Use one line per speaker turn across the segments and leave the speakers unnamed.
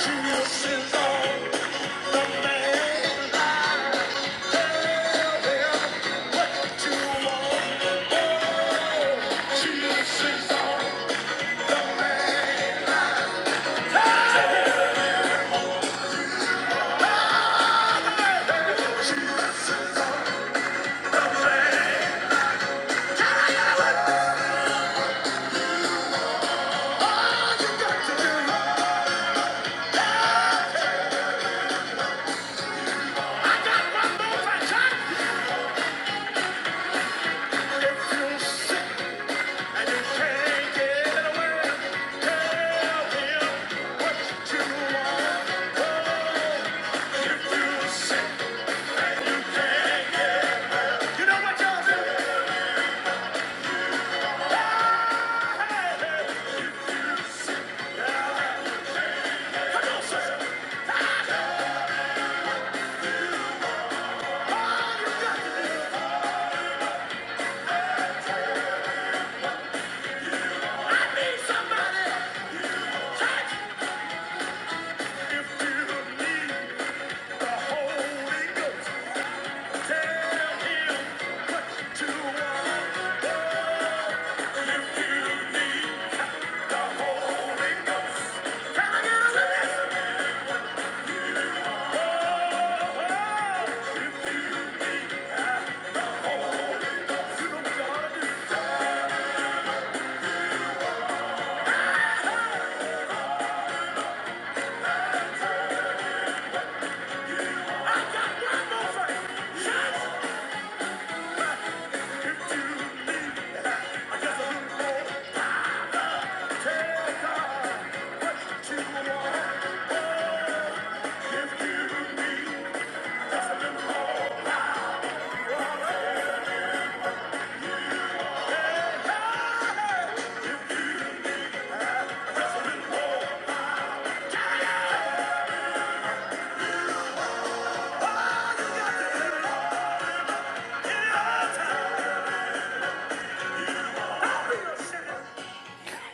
You know what y'all do? Hey, hey, come on, sister. I need somebody. If you. need that's a little more,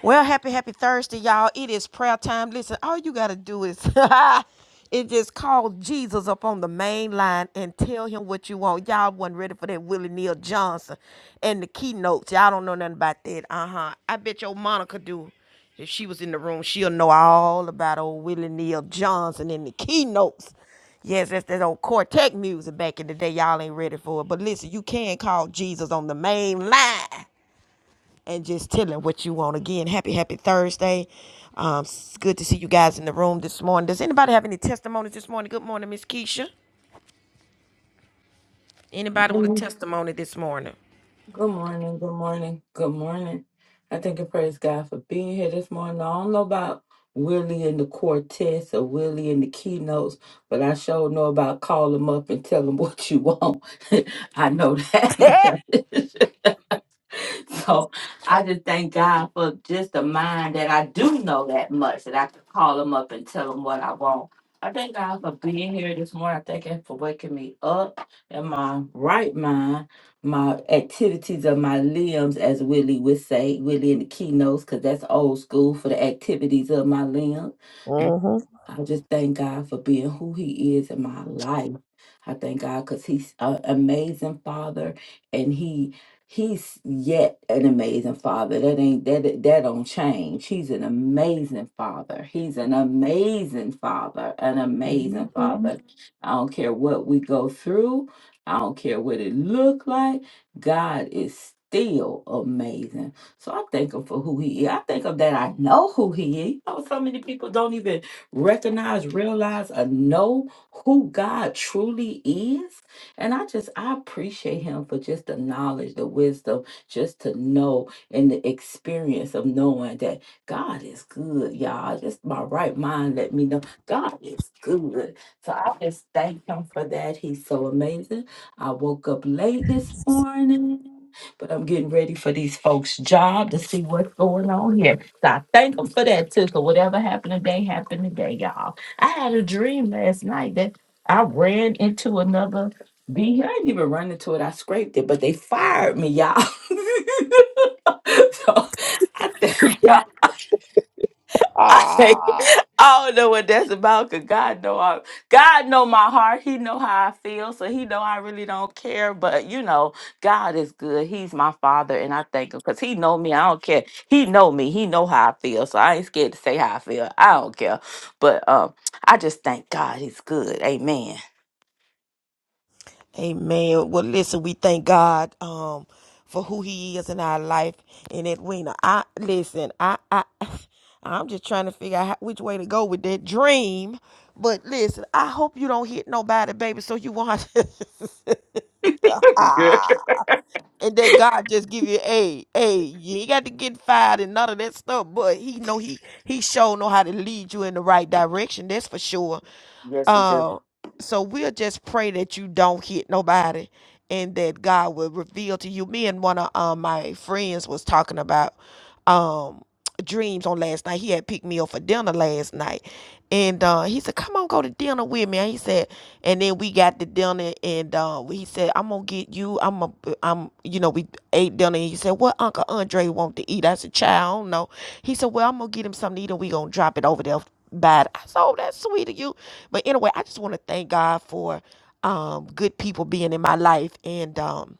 Well, happy, happy Thursday, y'all. It is prayer time. Listen, all you got to do is it just call Jesus up on the main line and tell him what you want. Y'all wasn't ready for that Willie Neal Johnson and the keynotes. Y'all don't know nothing about that. Uh huh. I bet your Monica do. If she was in the room, she'll know all about old Willie Neal Johnson and the keynotes. Yes, that's that old quartet music back in the day. Y'all ain't ready for it. But listen, you can call Jesus on the main line and just tell him what you want. Again, happy, happy Thursday. Um, it's good to see you guys in the room this morning. Does anybody have any testimonies this morning? Good morning, Miss Keisha. Anybody with a
Mm,
testimony this morning?
Good morning, good morning, good morning. I thank and praise God for being here this morning. I don't know about Willie and the quartets or Willie and the keynotes, but I sure know about call them up and tell them what you want. I know that. so I just thank God for just the mind that I do know that much that I could call him up and tell him what I want. I thank God for being here this morning. I thank Him for waking me up in my right mind, my activities of my limbs, as Willie would say, Willie in the keynotes, because that's old school for the activities of my limbs.
Mm-hmm.
I just thank God for being who He is in my life. I thank God because He's an amazing Father, and He He's yet an amazing Father. That ain't that that don't change. He's an amazing Father. He's an amazing Father. An amazing
hmm
Father. I don't care what we go through. I don't care what it look like. God is still amazing. So I thank him for who he is. I thank him that I know who he is. You know, so many people don't even recognize, realize, and know who God truly is. And I just, I appreciate him for just the knowledge, the wisdom, just to know and the experience of knowing that God is good, y'all. Just my right mind let me know God is good. So I just thank him for that. He's so amazing. I woke up late this morning. But I'm getting ready for these folks' job to see what's going on here. So I thank them for that too. So whatever happened today happened today, y'all. I had a dream last night that I ran into another vehicle. I didn't even run into it. I scraped it, but they fired me, y'all. so I, th- I say, I don't know what that's about, cause God know I, God know my heart. He know how I feel, so He know I really don't care. But you know, God is good. He's my Father, and I thank Him, cause He know me. I don't care. He know me. He know how I feel, so I ain't scared to say how I feel. I don't care. But um, I just thank God. He's good. Amen.
Amen. Well, listen, we thank God um for who He is in our life. And Edwina, I listen, I I I'm just trying to figure out how, which way to go with that dream. But listen, I hope you don't hit nobody, baby, so you won't. have
Yeah.
to- and that God just give you, hey, hey, you ain't got to get fired and none of that stuff. But he know he he sure know how to lead you in the right direction. That's for sure.
Yes, we do.
Uh, so we'll just pray that you don't hit nobody and that God will reveal to you. Me and one of um, my friends was talking about um, dreams on last night. He had picked me up for dinner last night. And uh, he said, come on, go to dinner with me. And he said, and then we got the dinner and uh, he said, I'm going to get you. I'm, a, I'm, you know, we ate dinner. And he said, what Uncle Andre want to eat? I said, child, I don't know. He said, well, I'm going to get him something to eat and we going to drop it over there bad. So that's sweet of you. But anyway, I just want to thank God for um good people being in my life and um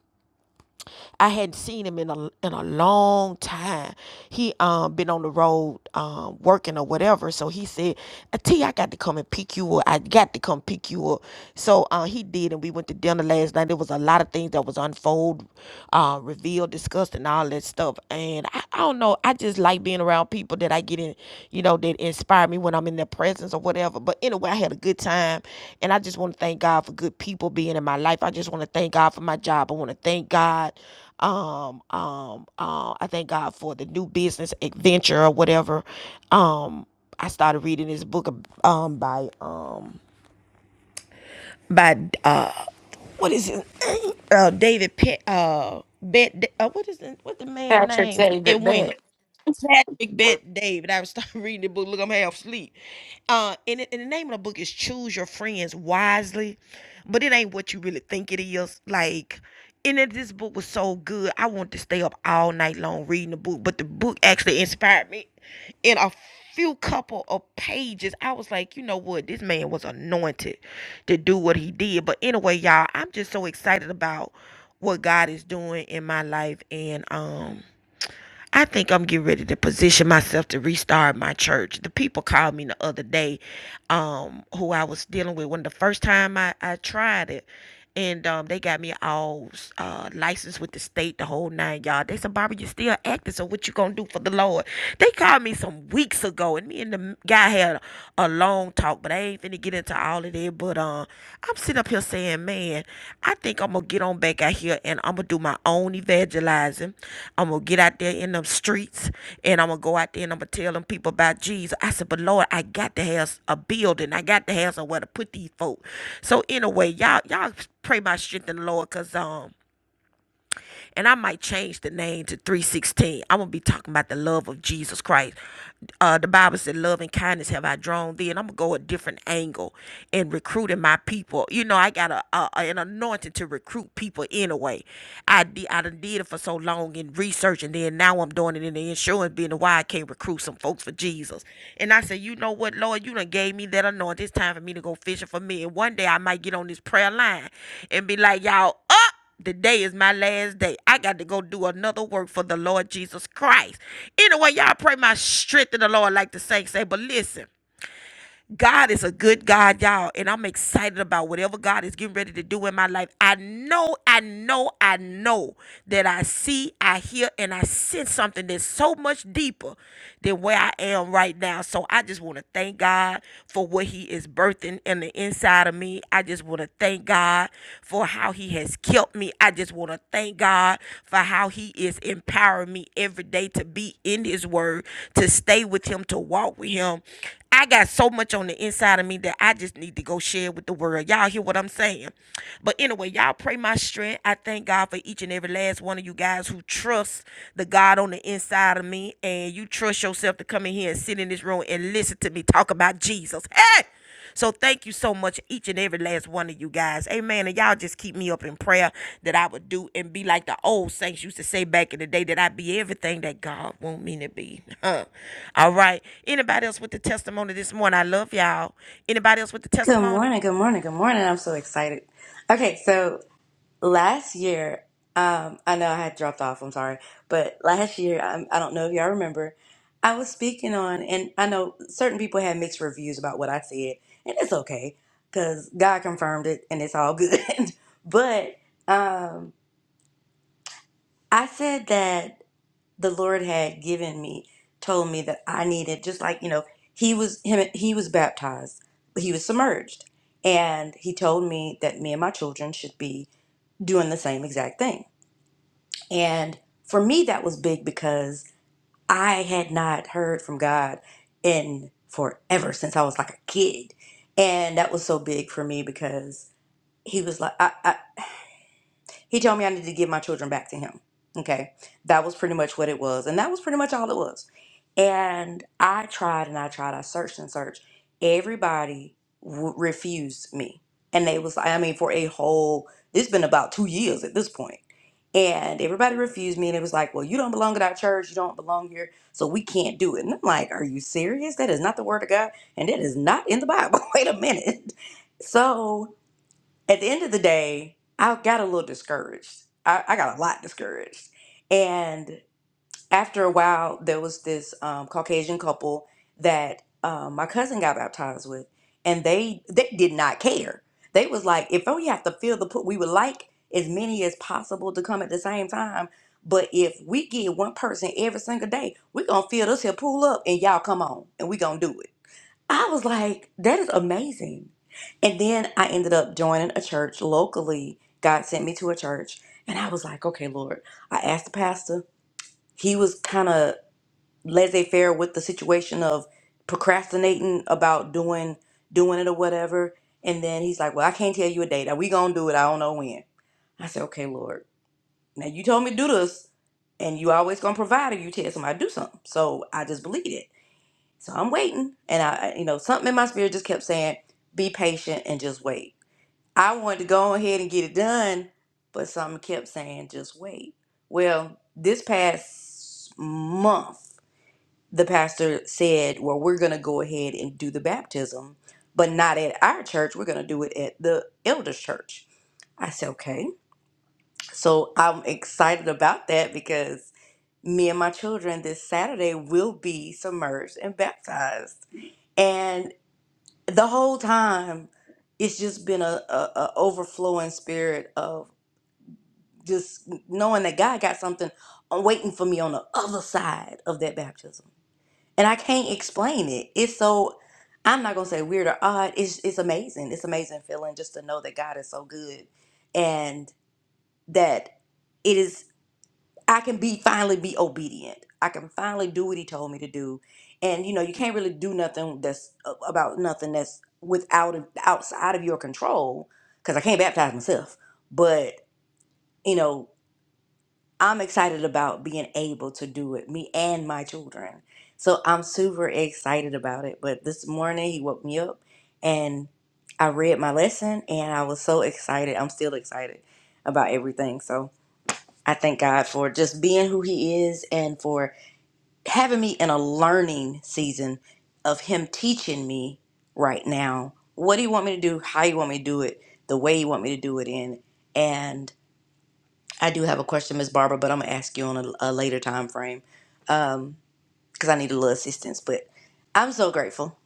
I hadn't seen him in a in a long time. He um been on the road um working or whatever. So he said, "Uh, "T, I got to come and pick you up. I got to come pick you up. So uh he did and we went to dinner last night. There was a lot of things that was unfold, uh revealed, discussed and all that stuff. And I, I don't know, I just like being around people that I get in, you know, that inspire me when I'm in their presence or whatever. But anyway, I had a good time. And I just want to thank God for good people being in my life. I just want to thank God for my job. I want to thank God. Um, um, uh, I thank God for the new business adventure or whatever. Um, I started reading this book um by um by uh what is it? Uh, David Pe- uh, Bet- uh, what is it? What the man
Patrick,
name?
save it
Edwina.
back.
Patrick Bet David. I was starting reading the book. Look, I'm half asleep. Uh, and, it- and the name of the book is Choose Your Friends Wisely, but it ain't what you really think it is. Like, and it, this book was so good. I wanted to stay up all night long reading the book, but the book actually inspired me. In a few couple of pages, I was like, you know what? This man was anointed to do what he did. But anyway, y'all, I'm just so excited about what God is doing in my life, and um I think I'm getting ready to position myself to restart my church. The people called me the other day, um, who I was dealing with when the first time I, I tried it. And um, they got me all uh, licensed with the state, the whole nine all They said, Barbara, you still acting, so what you gonna do for the Lord? They called me some weeks ago, and me and the guy had a a long talk talk, but I ain't finna get into all of that. But um, I'm sitting up here saying, man, I think I'm gonna get on back out here and I'm gonna do my own evangelizing. I'm gonna get out there in them streets and I'm gonna go out there and I'm gonna tell them people about Jesus. I said, but Lord, I got to have a building. I got to have somewhere to put these folks. So anyway, y'all, y'all pray my strength in the Lord, cause um, and I might change the name to 316. I'm gonna be talking about the love of Jesus Christ. Uh, the Bible said, "Love and kindness have I drawn thee," and I'm gonna go a different angle in recruiting my people. You know, I got a, a an anointing to recruit people anyway. I did I done did it for so long in research, and then now I'm doing it in the insurance business. Why I can't recruit some folks for Jesus? And I said, you know what, Lord, you done gave me that anointing. It's time for me to go fishing for me. And one day I might get on this prayer line and be like, y'all up. Today is my last day. I got to go do another work for the Lord Jesus Christ. Anyway, y'all pray my strength in the Lord, like the saints say. But listen, God is a good God, y'all, and I'm excited about whatever God is getting ready to do in my life. I know, I know, I know that I see, I hear, and I sense something that's so much deeper than where I am right now. So I just want to thank God for what He is birthing in the inside of me. I just want to thank God for how He has kept me. I just want to thank God for how He is empowering me every day to be in His Word, to stay with Him, to walk with Him. I got so much on the inside of me that I just need to go share with the world. Y'all hear what I'm saying? But anyway, y'all pray my strength. I thank God for each and every last one of you guys who trust the God on the inside of me and you trust yourself to come in here and sit in this room and listen to me talk about Jesus. Hey! So thank you so much, each and every last one of you guys. Amen. And y'all just keep me up in prayer that I would do and be like the old saints used to say back in the day that I be everything that God want me to be. Huh. All right. Anybody else with the testimony this morning? I love y'all. Anybody else with the
Good
testimony?
morning, good morning, good morning. I'm so excited. Okay, so last year, um, I know I had dropped off, I'm sorry, but last year, I, I don't know if y'all remember, I was speaking on, and I know certain people had mixed reviews about what I said, and it's okay because God confirmed it and it's all good. but um, I said that the Lord had given me, told me that I needed just like, you know, he was him he was baptized, but he was submerged. And he told me that me and my children should be doing the same exact thing. And for me that was big because I had not heard from God in forever since I was like a kid. And that was so big for me because he was like I, I he told me I needed to give my children back to him. Okay. That was pretty much what it was. And that was pretty much all it was. And I tried and I tried. I searched and searched. Everybody w- refused me. And they was, I mean, for a whole, it's been about two years at this point. And everybody refused me. And it was like, well, you don't belong at our church. You don't belong here. So we can't do it. And I'm like, are you serious? That is not the word of God. And that is not in the Bible. Wait a minute. So at the end of the day, I got a little discouraged. I, I got a lot discouraged. And after a while, there was this um, Caucasian couple that um, my cousin got baptized with, and they they did not care. They was like, if only you have to fill the pool, we would like as many as possible to come at the same time. But if we get one person every single day, we're gonna fill this here pool up and y'all come on and we gonna do it. I was like, that is amazing. And then I ended up joining a church locally. God sent me to a church. And I was like, okay, Lord. I asked the pastor. He was kind of laissez faire with the situation of procrastinating about doing doing it or whatever. And then he's like, Well, I can't tell you a date. Now we gonna do it. I don't know when. I said, Okay, Lord. Now you told me to do this, and you always gonna provide if you tell somebody to do something. So I just believed it. So I'm waiting. And I, I- you know, something in my spirit just kept saying, be patient and just wait. I wanted to go ahead and get it done, but something kept saying, just wait. Well, this past month, the pastor said, well, we're going to go ahead and do the baptism, but not at our church. We're going to do it at the elders' church. I said, okay. So I'm excited about that because me and my children this Saturday will be submerged and baptized. and the whole time it's just been a, a, a overflowing spirit of just knowing that god got something uh, waiting for me on the other side of that baptism and i can't explain it it's so i'm not gonna say weird or odd it's, it's amazing it's amazing feeling just to know that god is so good and that it is. I can be finally be obedient. I can finally do what he told me to do. And you know, you can't really do nothing that's about nothing that's without outside of your control cuz I can't baptize myself. But, you know, I'm excited about being able to do it, me and my children. So I'm super excited about it. But this morning he woke me up and I read my lesson and I was so excited. I'm still excited about everything. So I thank God for just being who He is and for having me in a learning season of Him teaching me right now what do you want me to do, how you want me to do it, the way you want me to do it in. And I do have a question, Miss Barbara, but I'm gonna ask you on a, a later time frame because I need a little assistance. But I'm so grateful.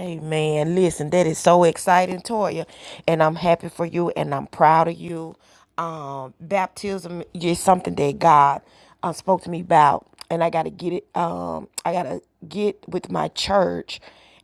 Amen. Listen, that is so exciting, Toya. And I'm happy for you and I'm proud of you. Um, baptism is something that God uh, spoke to me about. And I got to get it, um, I got to get with my church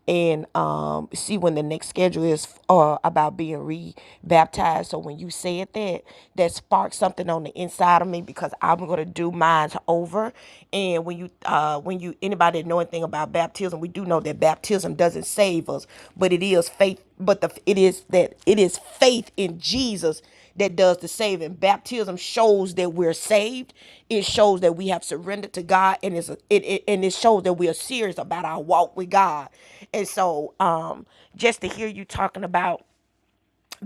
and um, see when the next schedule is uh, about being re-baptized. So when you said that, that sparked something on the inside of me because I'm going to do do minds over. And when you uh when you anybody that know anything about baptism, we do know that baptism doesn't save us, but it is faith, but the it is that it is faith in Jesus that does the saving. Baptism shows that we're saved. It shows that we have surrendered to God, and it's, a, it, it and it shows that we are serious about our walk with God. And so, um, just to hear you talking about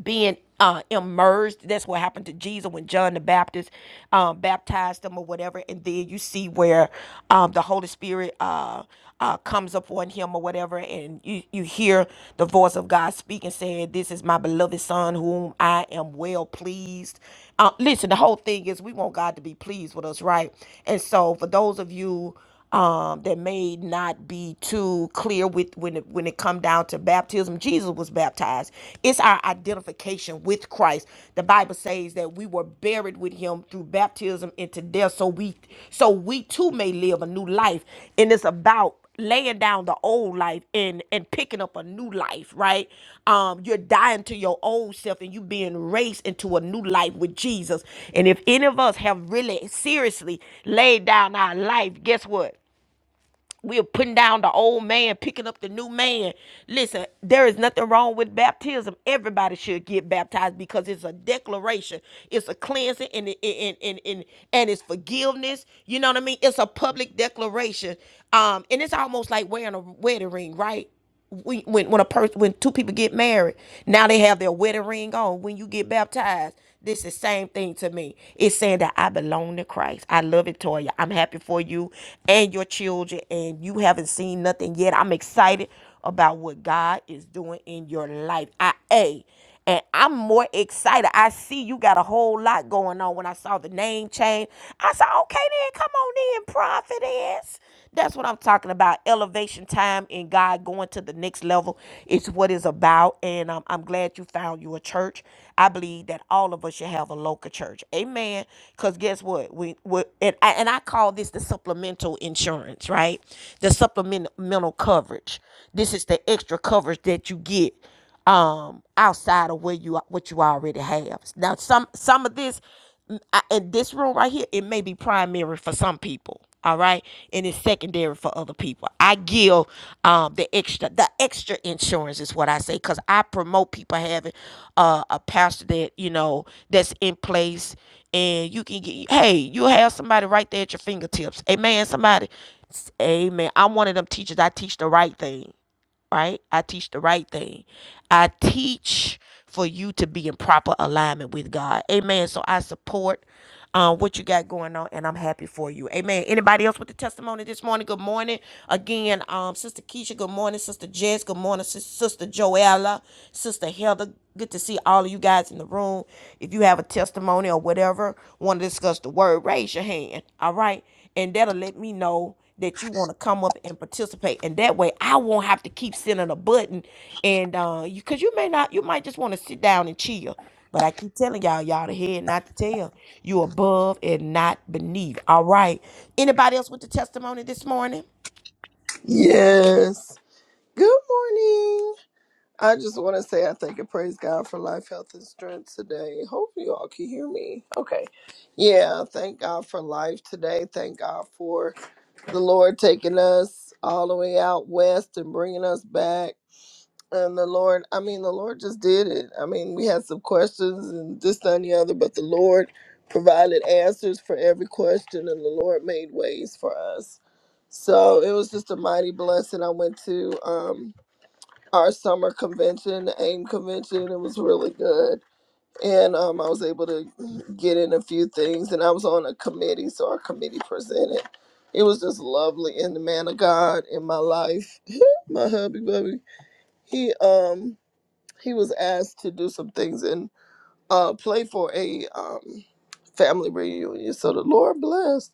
being uh, immersed. That's what happened to Jesus when John the Baptist um, baptized him, or whatever. And then you see where um, the Holy Spirit uh, uh, comes upon him or whatever, and you, you hear the voice of God speaking, saying, "This is my beloved Son, whom I am well pleased." Uh, listen, the whole thing is we want God to be pleased with us, right? And so, for those of you um, that may not be too clear with when it, when it come down to baptism. Jesus was baptized. It's our identification with Christ. The Bible says that we were buried with Him through baptism into death, so we so we too may live a new life. And it's about laying down the old life and and picking up a new life right um you're dying to your old self and you being raised into a new life with jesus and if any of us have really seriously laid down our life guess what we are putting down the old man, picking up the new man. Listen, there is nothing wrong with baptism. Everybody should get baptized because it's a declaration, it's a cleansing, and and and and, and it's forgiveness. You know what I mean? It's a public declaration. Um, and it's almost like wearing a wedding ring, right? we, when when a person when two people get married, now they have their wedding ring on. When you get baptized, this is same thing to me. It's saying that I belong to Christ. I love it, Toya. I'm happy for you and your children, and you haven't seen nothing yet. I'm excited about what God is doing in your life. I a and I'm more excited. I see you got a whole lot going on. When I saw the name change, I said, okay, then come on in, prophetess. That's what I'm talking about. Elevation time in God going to the next level It's what it's about. And um, I'm glad you found your church. I believe that all of us should have a local church. Amen. Because guess what? We, we and, I, and I call this the supplemental insurance, right? The supplemental coverage. This is the extra coverage that you get um, outside of where you what you already have. Now, some some of this mm, I- in this room right here, it may be primary for some people, all right, and it's secondary for other people. I give um, the extra the extra insurance is what I say because I promote people having uh, a pastor that you know that's in place. And you can get, hey, you have somebody right there at your fingertips. Amen. Somebody, amen. I'm one of them teachers. I teach the right thing right? I teach the right thing. I teach for you to be in proper alignment with God. Amen. So I support uh, what you got going on, and I'm happy for you. Amen. Anybody else with a testimony this morning? Good morning. Again, um, Sister Keisha, good morning. Sister Jess, good morning. Sis- Sister Joella, Sister Heather, good to see all of you guys in the room. If you have a testimony or whatever, want to discuss the word, raise your hand. All right and that'll let me know that you want to come up and participate and that way i won't have to keep sending a button and uh you because you may not you might just want to sit down and chill but i keep telling y'all y'all the head not the tail you above and not beneath all right anybody else with the testimony this morning
Yes. Good morning. I just want to say I thank and praise God for life, health, and strength today. Hope you all can hear me. Okay. Yeah. Thank God for life today. Thank God for the Lord taking us all the way out west and bringing us back and the Lord, I mean, the Lord just did it. I mean, we had some questions and this, that, and the other, but the Lord provided answers for every question, and the Lord made ways for us. So it was just a mighty blessing. I went to um, our summer convention, the AIM convention. It was really good. And um, I was able to get in a few things, and I was on a committee, so our committee presented. It was just lovely, and the man of God in my life, my hubby, bubby, he um he was asked to do some things and uh, play for a um, family reunion. So the Lord blessed.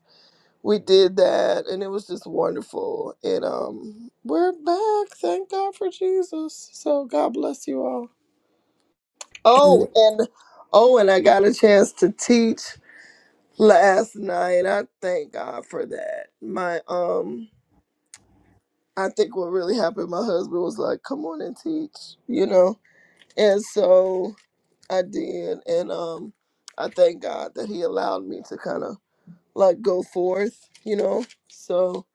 We did that, and it was just wonderful. And um, we're back. Thank God for Jesus. So God bless you all. Oh, and oh, and I got a chance to teach last night. I thank God for that. My um, I think what really happened. My husband was like, "Come on and teach," you know. And so I did, and um, I thank God that He allowed me to kind of like go forth, you know. So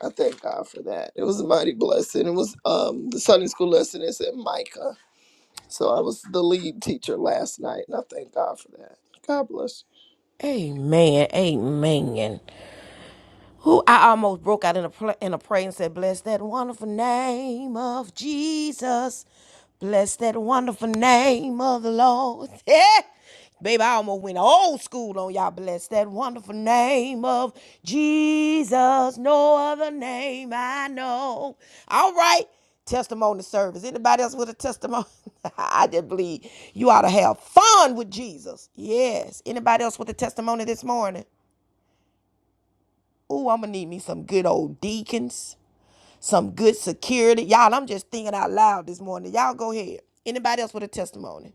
I thank God for that. It was a mighty blessing. It was um the Sunday school lesson is at Micah, so I was the lead teacher last night, and I thank God for that. God bless you.
amen amen Who I almost broke out in a pla in a prayer and said, "Bless that wonderful name of Jesus, bless that wonderful name of the Lord." Yeah. Baby, I almost went old school on y'all. Bless that wonderful name of Jesus. No other name I know. All right. Testimony service. Anybody else with a testimony? I just believe you ought to have fun with Jesus. Yes. Anybody else with a testimony this morning? Ooh, I'm gonna need me some good old deacons, some good security. Y'all, I'm just thinking out loud this morning. Y'all go ahead. Anybody else with a testimony?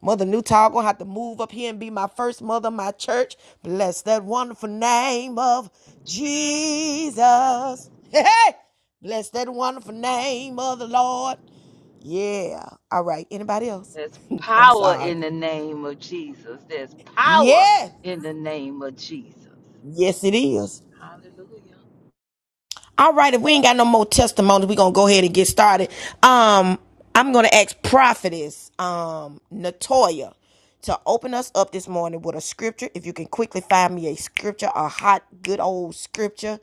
Mother Newtall gonna have to move up here and be my first mother, of my church. Bless that wonderful name of Jesus. Hey, hey. bless that wonderful name of the Lord. Yeah. All right. Anybody else?
There's
I'm
power
sorry.
in the name of Jesus. There's power
Yeah.
in the name of Jesus.
Yes, it is.
Hallelujah.
All right, if we ain't got no more testimonies, we're gonna go ahead and get started. Um, I'm gonna ask prophetess um Natoya to open us up this morning with a scripture. If you can quickly find me a scripture, a hot, good old scripture,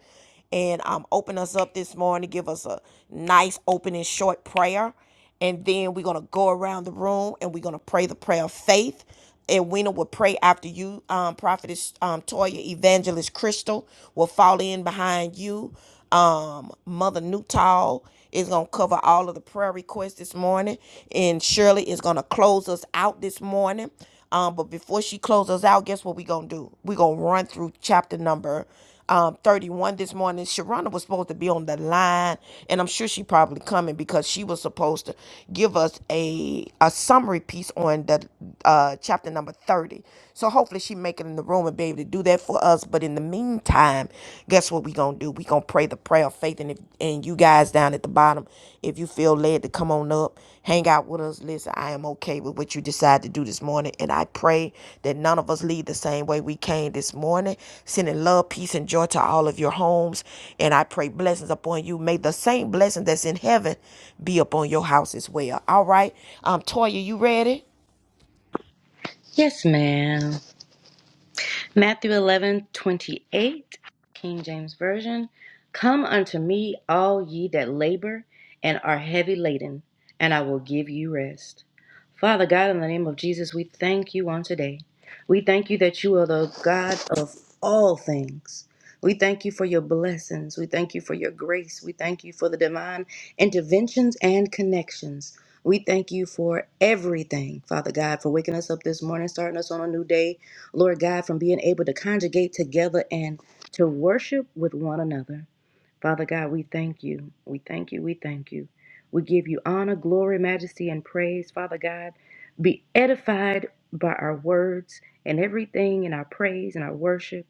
and um open us up this morning, give us a nice opening short prayer and then we're gonna go around the room and we're gonna pray the prayer of faith. And Wena will pray after you, um, Prophetess um, Toya, Evangelist Crystal will fall in behind you. Um, Mother Newtall is gonna cover all of the prayer requests this morning, and Shirley is gonna close us out this morning. Um, but before she closes us out, guess what we're gonna do? We're gonna run through chapter number um, 31 this morning. Sharonda was supposed to be on the line, and I'm sure she probably coming because she was supposed to give us a a summary piece on the uh, chapter number 30. So hopefully she make it in the room and be able to do that for us. But in the meantime, guess what we gonna do? We gonna pray the prayer of faith, and if and you guys down at the bottom, if you feel led to come on up hang out with us. Listen, I am okay with what you decide to do this morning. And I pray that none of us leave the same way we came this morning. Sending love, peace, and joy to all of your homes. And I pray blessings upon you. May the same blessing that's in heaven be upon your house as well. All right. Um, Toya, you ready?
Yes, ma'am. Matthew eleven twenty eight, King James Version. Come unto me, all ye that labor and are heavy laden, and I will give you rest. Father God, in the name of Jesus, we thank you on today. We thank you that you are the God of all things. We thank you for your blessings. We thank you for your grace. We thank you for the divine interventions and connections. We thank you for everything, Father God, for waking us up this morning, starting us on a new day. Lord God, from being able to conjugate together and to worship with one another. Father God, we thank you. We thank you. We thank you. We give you honor, glory, majesty, and praise. Father God, be edified by our words and everything in our praise and our worship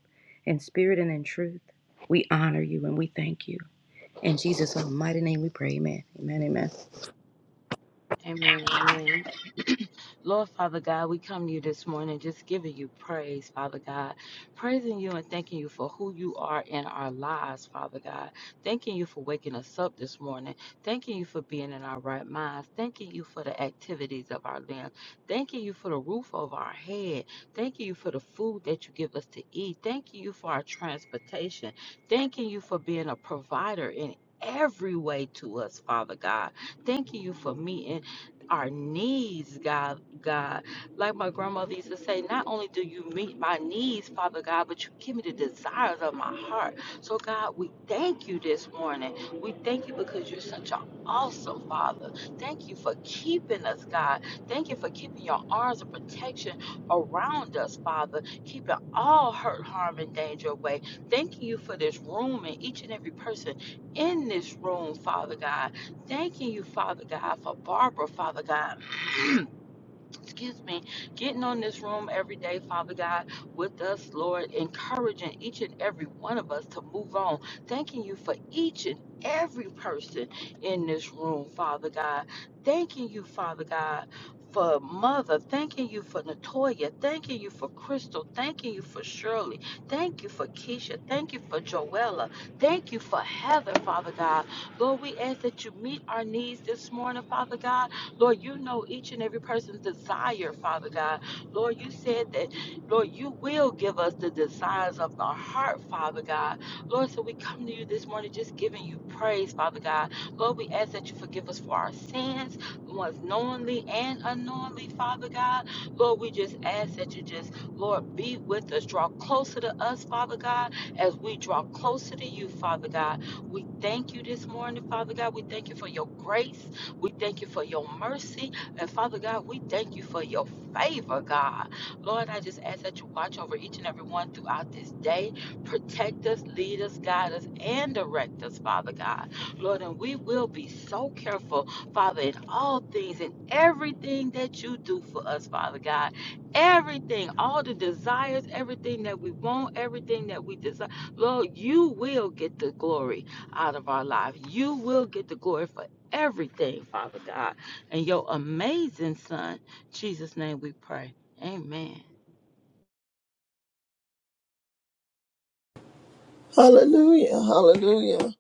in spirit and in truth. We honor you and we thank you. In Jesus' almighty name we pray. Amen. Amen. Amen.
Amen. Amen. Lord Father God, we come to you this morning just giving you praise, Father God. Praising you and thanking you for who you are in our lives, Father God. Thanking you for waking us up this morning. Thanking you for being in our right minds. Thanking you for the activities of our limbs. Thanking you for the roof over our head. Thanking you for the food that you give us to eat. Thanking you for our transportation. Thanking you for being a provider in every way to us, Father God. Thanking you for meeting our needs, God, God. Like my grandmother used to say, not only do you meet my needs, Father God, but you give me the desires of my heart. So God, we thank you this morning. We thank you because you're such an awesome Father. Thank you for keeping us, God. Thank you for keeping your arms of protection around us, Father, keeping all hurt, harm, and danger away. Thank you for this room and each and every person in this room, Father God. Thanking you, Father God, for Barbara, Father God. excuse me, getting on this room every day, Father God, with us, Lord, encouraging each and every one of us to move on. Thanking you for each and every person in this room, Father God. Thanking you, Father God. For mother, thanking you for Natoya, thanking you for Crystal, thanking you for Shirley, thank you for Keisha, thank you for Joella, thank you for Heather, Father God. Lord, we ask that you meet our needs this morning, Father God Lord, you know each and every person's desire, Father God. Lord, you said that, Lord, you will give us the desires of our heart, Father God. Lord, so we come to you this morning just giving you praise, Father God. Lord, we ask that you forgive us for our sins, the ones knowingly and unknowingly, Father God. Lord, we just ask that you just, Lord, be with us, draw closer to us, Father God, as we draw closer to you, Father God. We thank you this morning, Father God. We thank you for your grace. We thank you for your mercy. And Father God, we thank you for your favor, God. Lord, I just ask that you watch over each and every one throughout this day. Protect us, lead us, guide us, and direct us, Father God. Lord, and we will be so careful, Father, in all things, in everything that you do for us, Father God. Everything, all the desires, everything that we want, everything that we desire. Lord, you will get the glory out of our life. You will get the glory for everything, Father God. In your amazing Son, Jesus' name we pray. Amen.
Hallelujah, Hallelujah.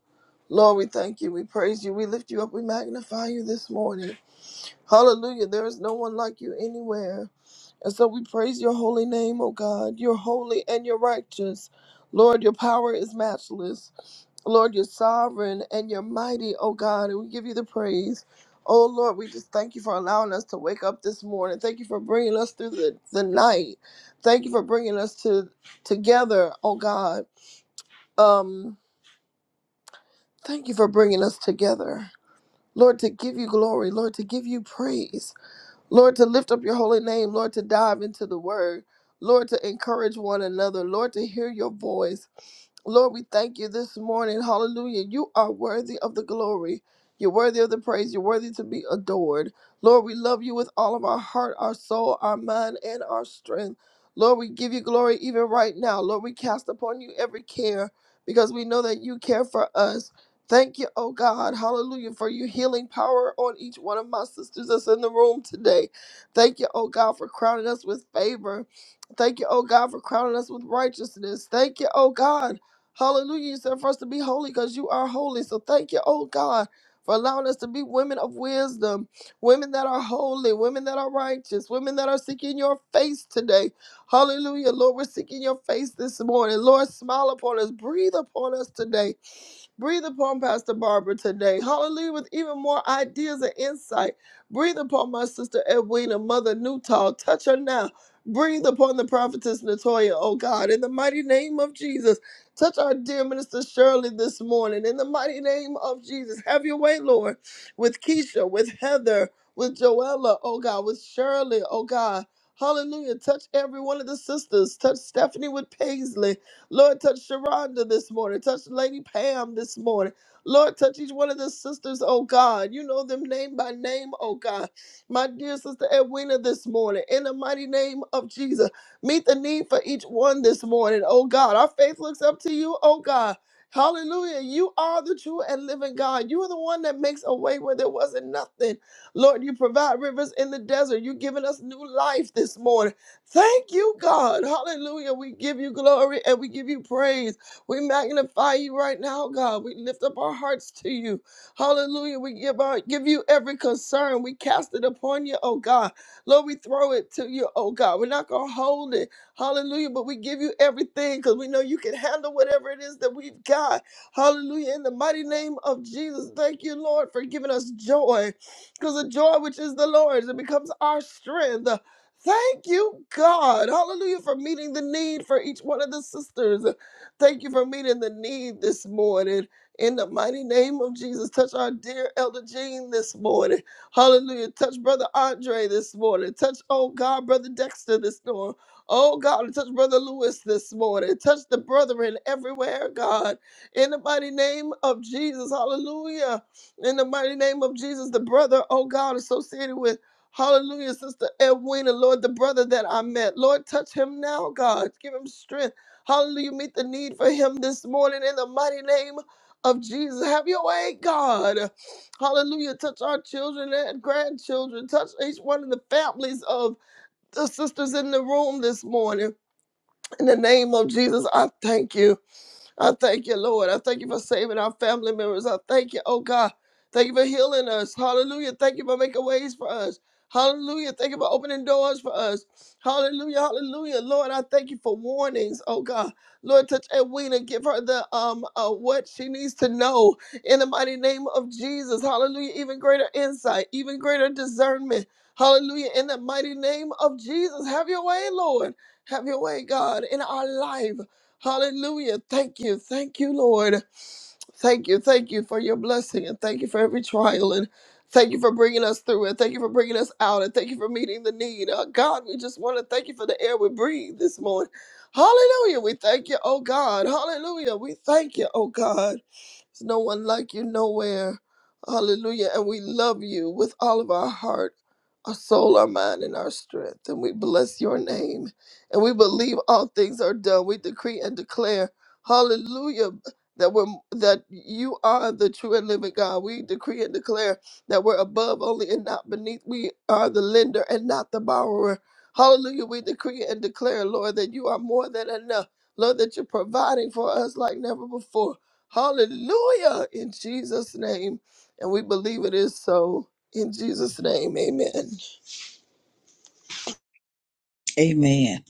Lord, we thank you. We praise you. We lift you up. We magnify you this morning. Hallelujah. There is no one like you anywhere. And so we praise your holy name, O God. You're holy and you're righteous. Lord, your power is matchless. Lord, you're sovereign and you're mighty, O God, and we give you the praise. Oh Lord, we just thank you for allowing us to wake up this morning. Thank you for bringing us through the, the night. Thank you for bringing us to together, oh God. Um, thank you for bringing us together. Lord, to give you glory, Lord, to give you praise. Lord, to lift up your holy name, Lord, to dive into the word, Lord, to encourage one another, Lord, to hear your voice. Lord, we thank you this morning. Hallelujah. You are worthy of the glory. You're worthy of the praise. You're worthy to be adored. Lord, we love you with all of our heart, our soul, our mind, and our strength. Lord, we give you glory even right now. Lord, we cast upon you every care because we know that you care for us. Thank you, oh God. Hallelujah for your healing power on each one of my sisters that's in the room today. Thank you, oh God, for crowning us with favor. Thank you, oh God, for crowning us with righteousness. Thank you, oh God. Hallelujah. You said for us to be holy because you are holy. So thank you, oh God, for allowing us to be women of wisdom, women that are holy, women that are righteous, women that are seeking your face today. Hallelujah. Lord, we're seeking your face this morning. Lord, smile upon us, breathe upon us today. Breathe upon Pastor Barbara today. Hallelujah. With even more ideas and insight. Breathe upon my sister Edwina, Mother Newtall. Touch her now. Breathe upon the prophetess Natoya, oh God, in the mighty name of Jesus. Touch our dear minister Shirley this morning in the mighty name of Jesus. Have your way, Lord, with Keisha, with Heather, with Joella, oh God, with Shirley, oh God. Hallelujah. Touch every one of the sisters. Touch Stephanie with Paisley. Lord, touch Sharonda this morning. Touch Lady Pam this morning. Lord, touch each one of the sisters, oh God. You know them name by name, oh God. My dear sister Edwina this morning, in the mighty name of Jesus. Meet the need for each one this morning, oh God. Our faith looks up to you, oh God. Hallelujah. You are the true and living God. You are the one that makes a way where there wasn't nothing. Lord, you provide rivers in the desert. You've given us new life this morning. Thank you, God. Hallelujah. We give you glory and we give you praise. We magnify you right now, God. We lift up our hearts to you. Hallelujah. We give our give you every concern. We cast it upon you, oh God. Lord, we throw it to you, oh God. We're not going to hold it. Hallelujah. But we give you everything because we know you can handle whatever it is that we've got. Hallelujah. In the mighty name of Jesus, thank you, Lord, for giving us joy because the joy which is the Lord's, it becomes our strength. Thank you, God. Hallelujah for meeting the need for each one of the sisters. Thank you for meeting the need this morning. In the mighty name of Jesus, touch our dear Elder Jean this morning. Hallelujah. Touch Brother Andre this morning. Touch, oh God, Brother Dexter this morning. Oh God, touch Brother Lewis this morning. Touch the brethren everywhere, God. In the mighty name of Jesus. Hallelujah. In the mighty name of Jesus, the brother, oh God, associated with Hallelujah, Sister Edwina, Lord, the brother that I met. Lord, touch him now, God. Give him strength. Hallelujah, meet the need for him this morning in the mighty name of Jesus. Have your way, God. Hallelujah. Touch our children and grandchildren. Touch each one of the families of the sisters in the room this morning. In the name of Jesus, I thank you. I thank you, Lord. I thank you for saving our family members. I thank you, oh God. Thank you for healing us. Hallelujah. Thank you for making ways for us. Hallelujah. Thank you for opening doors for us. Hallelujah. Hallelujah. Lord, I thank you for warnings. Oh God. Lord, touch Edwina. Give her the um uh, what she needs to know in the mighty name of Jesus. Hallelujah. Even greater insight, even greater discernment. Hallelujah. In the mighty name of Jesus. Have your way, Lord. Have your way, God, in our life. Hallelujah. Thank you. Thank you, Lord. Thank you, thank you for your blessing, and thank you for every trial, and thank you for bringing us through and Thank you for bringing us out, and thank you for meeting the need. Oh God, we just want to thank you for the air we breathe this morning. Hallelujah, we thank you, oh God. Hallelujah, we thank you, oh God. There's no one like you nowhere. Hallelujah, and we love you with all of our heart, our soul, our mind, and our strength, and we bless your name, and we believe all things are done. We decree and declare. Hallelujah that we're that you are the true and living God. We decree and declare that we're above only and not beneath. We are the lender and not the borrower. Hallelujah. We decree and declare, Lord, that you are more than enough. Lord, that you're providing for us like never before. Hallelujah. In Jesus' name. And we believe it is so. In Jesus' name. Amen.
Amen.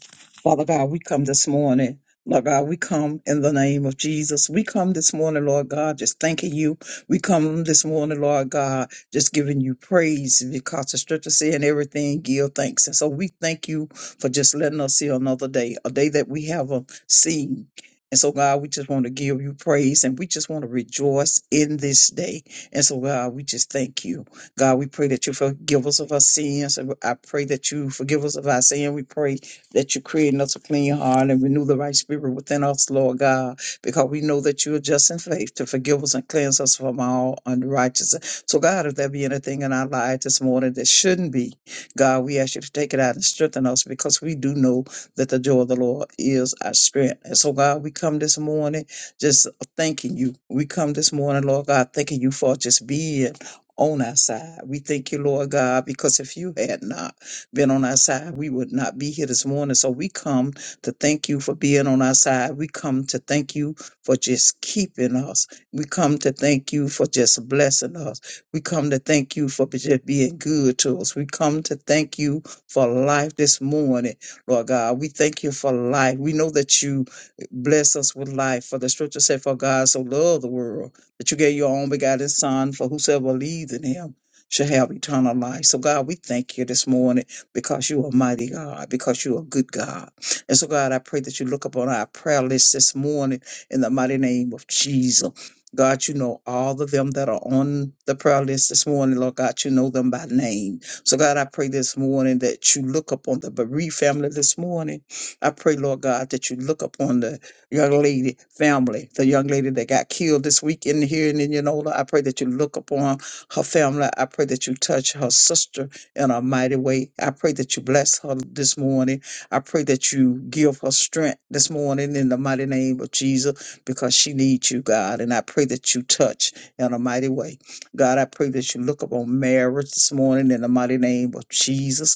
Father God, we come this morning. Lord God, we come in the name of Jesus. We come this morning, Lord God, just thanking you. We come this morning, Lord God, just giving you praise because the scripture saying everything, give thanks. And so we thank you for just letting us see another day, a day that we haven't seen. And so, God, we just want to give you praise and we just want to rejoice in this day. And so, God, we just thank you. God, we pray that you forgive us of our sins. And I pray that you forgive us of our sin. We pray that you create in us a clean heart and renew the right spirit within us, Lord God, because we know that you are just in faith to forgive us and cleanse us from all unrighteousness. So, God, if there be anything in our lives this morning that shouldn't be, God, we ask you to take it out and strengthen us because we do know that the joy of the Lord is our strength. And so, God, we come this morning just thanking you. We come this morning, Lord God, thanking you for just being on our side. We thank you, Lord God, because if you had not been on our side, we would not be here this morning. So we come to thank you for being on our side. We come to thank you for just keeping us. We come to thank you for just blessing us. We come to thank you for just being good to us. We come to thank you for life this morning, Lord God. We thank you for life. We know that you bless us with life. For the scripture said, For God so loved the world that you gave your own begotten Son, for whosoever believes in him shall have eternal life. So, God, we thank you this morning because you are mighty God, because you are good God. And so, God, I pray that you look upon our prayer list this morning in the mighty name of Jesus. God, you know all of them that are on the prayer list this morning, Lord God, you know them by name. So, God, I pray this morning that you look upon the bereaved family this morning. I pray, Lord God, that you look upon the young lady family, the young lady that got killed this week in here in Indianola. I pray that you look upon her family. I pray that you touch her sister in a mighty way. I pray that you bless her this morning. I pray that you give her strength this morning in the mighty name of Jesus because she needs you, God. And I pray that you touch in a mighty way. God, I pray that you look upon marriage this morning in the mighty name of Jesus.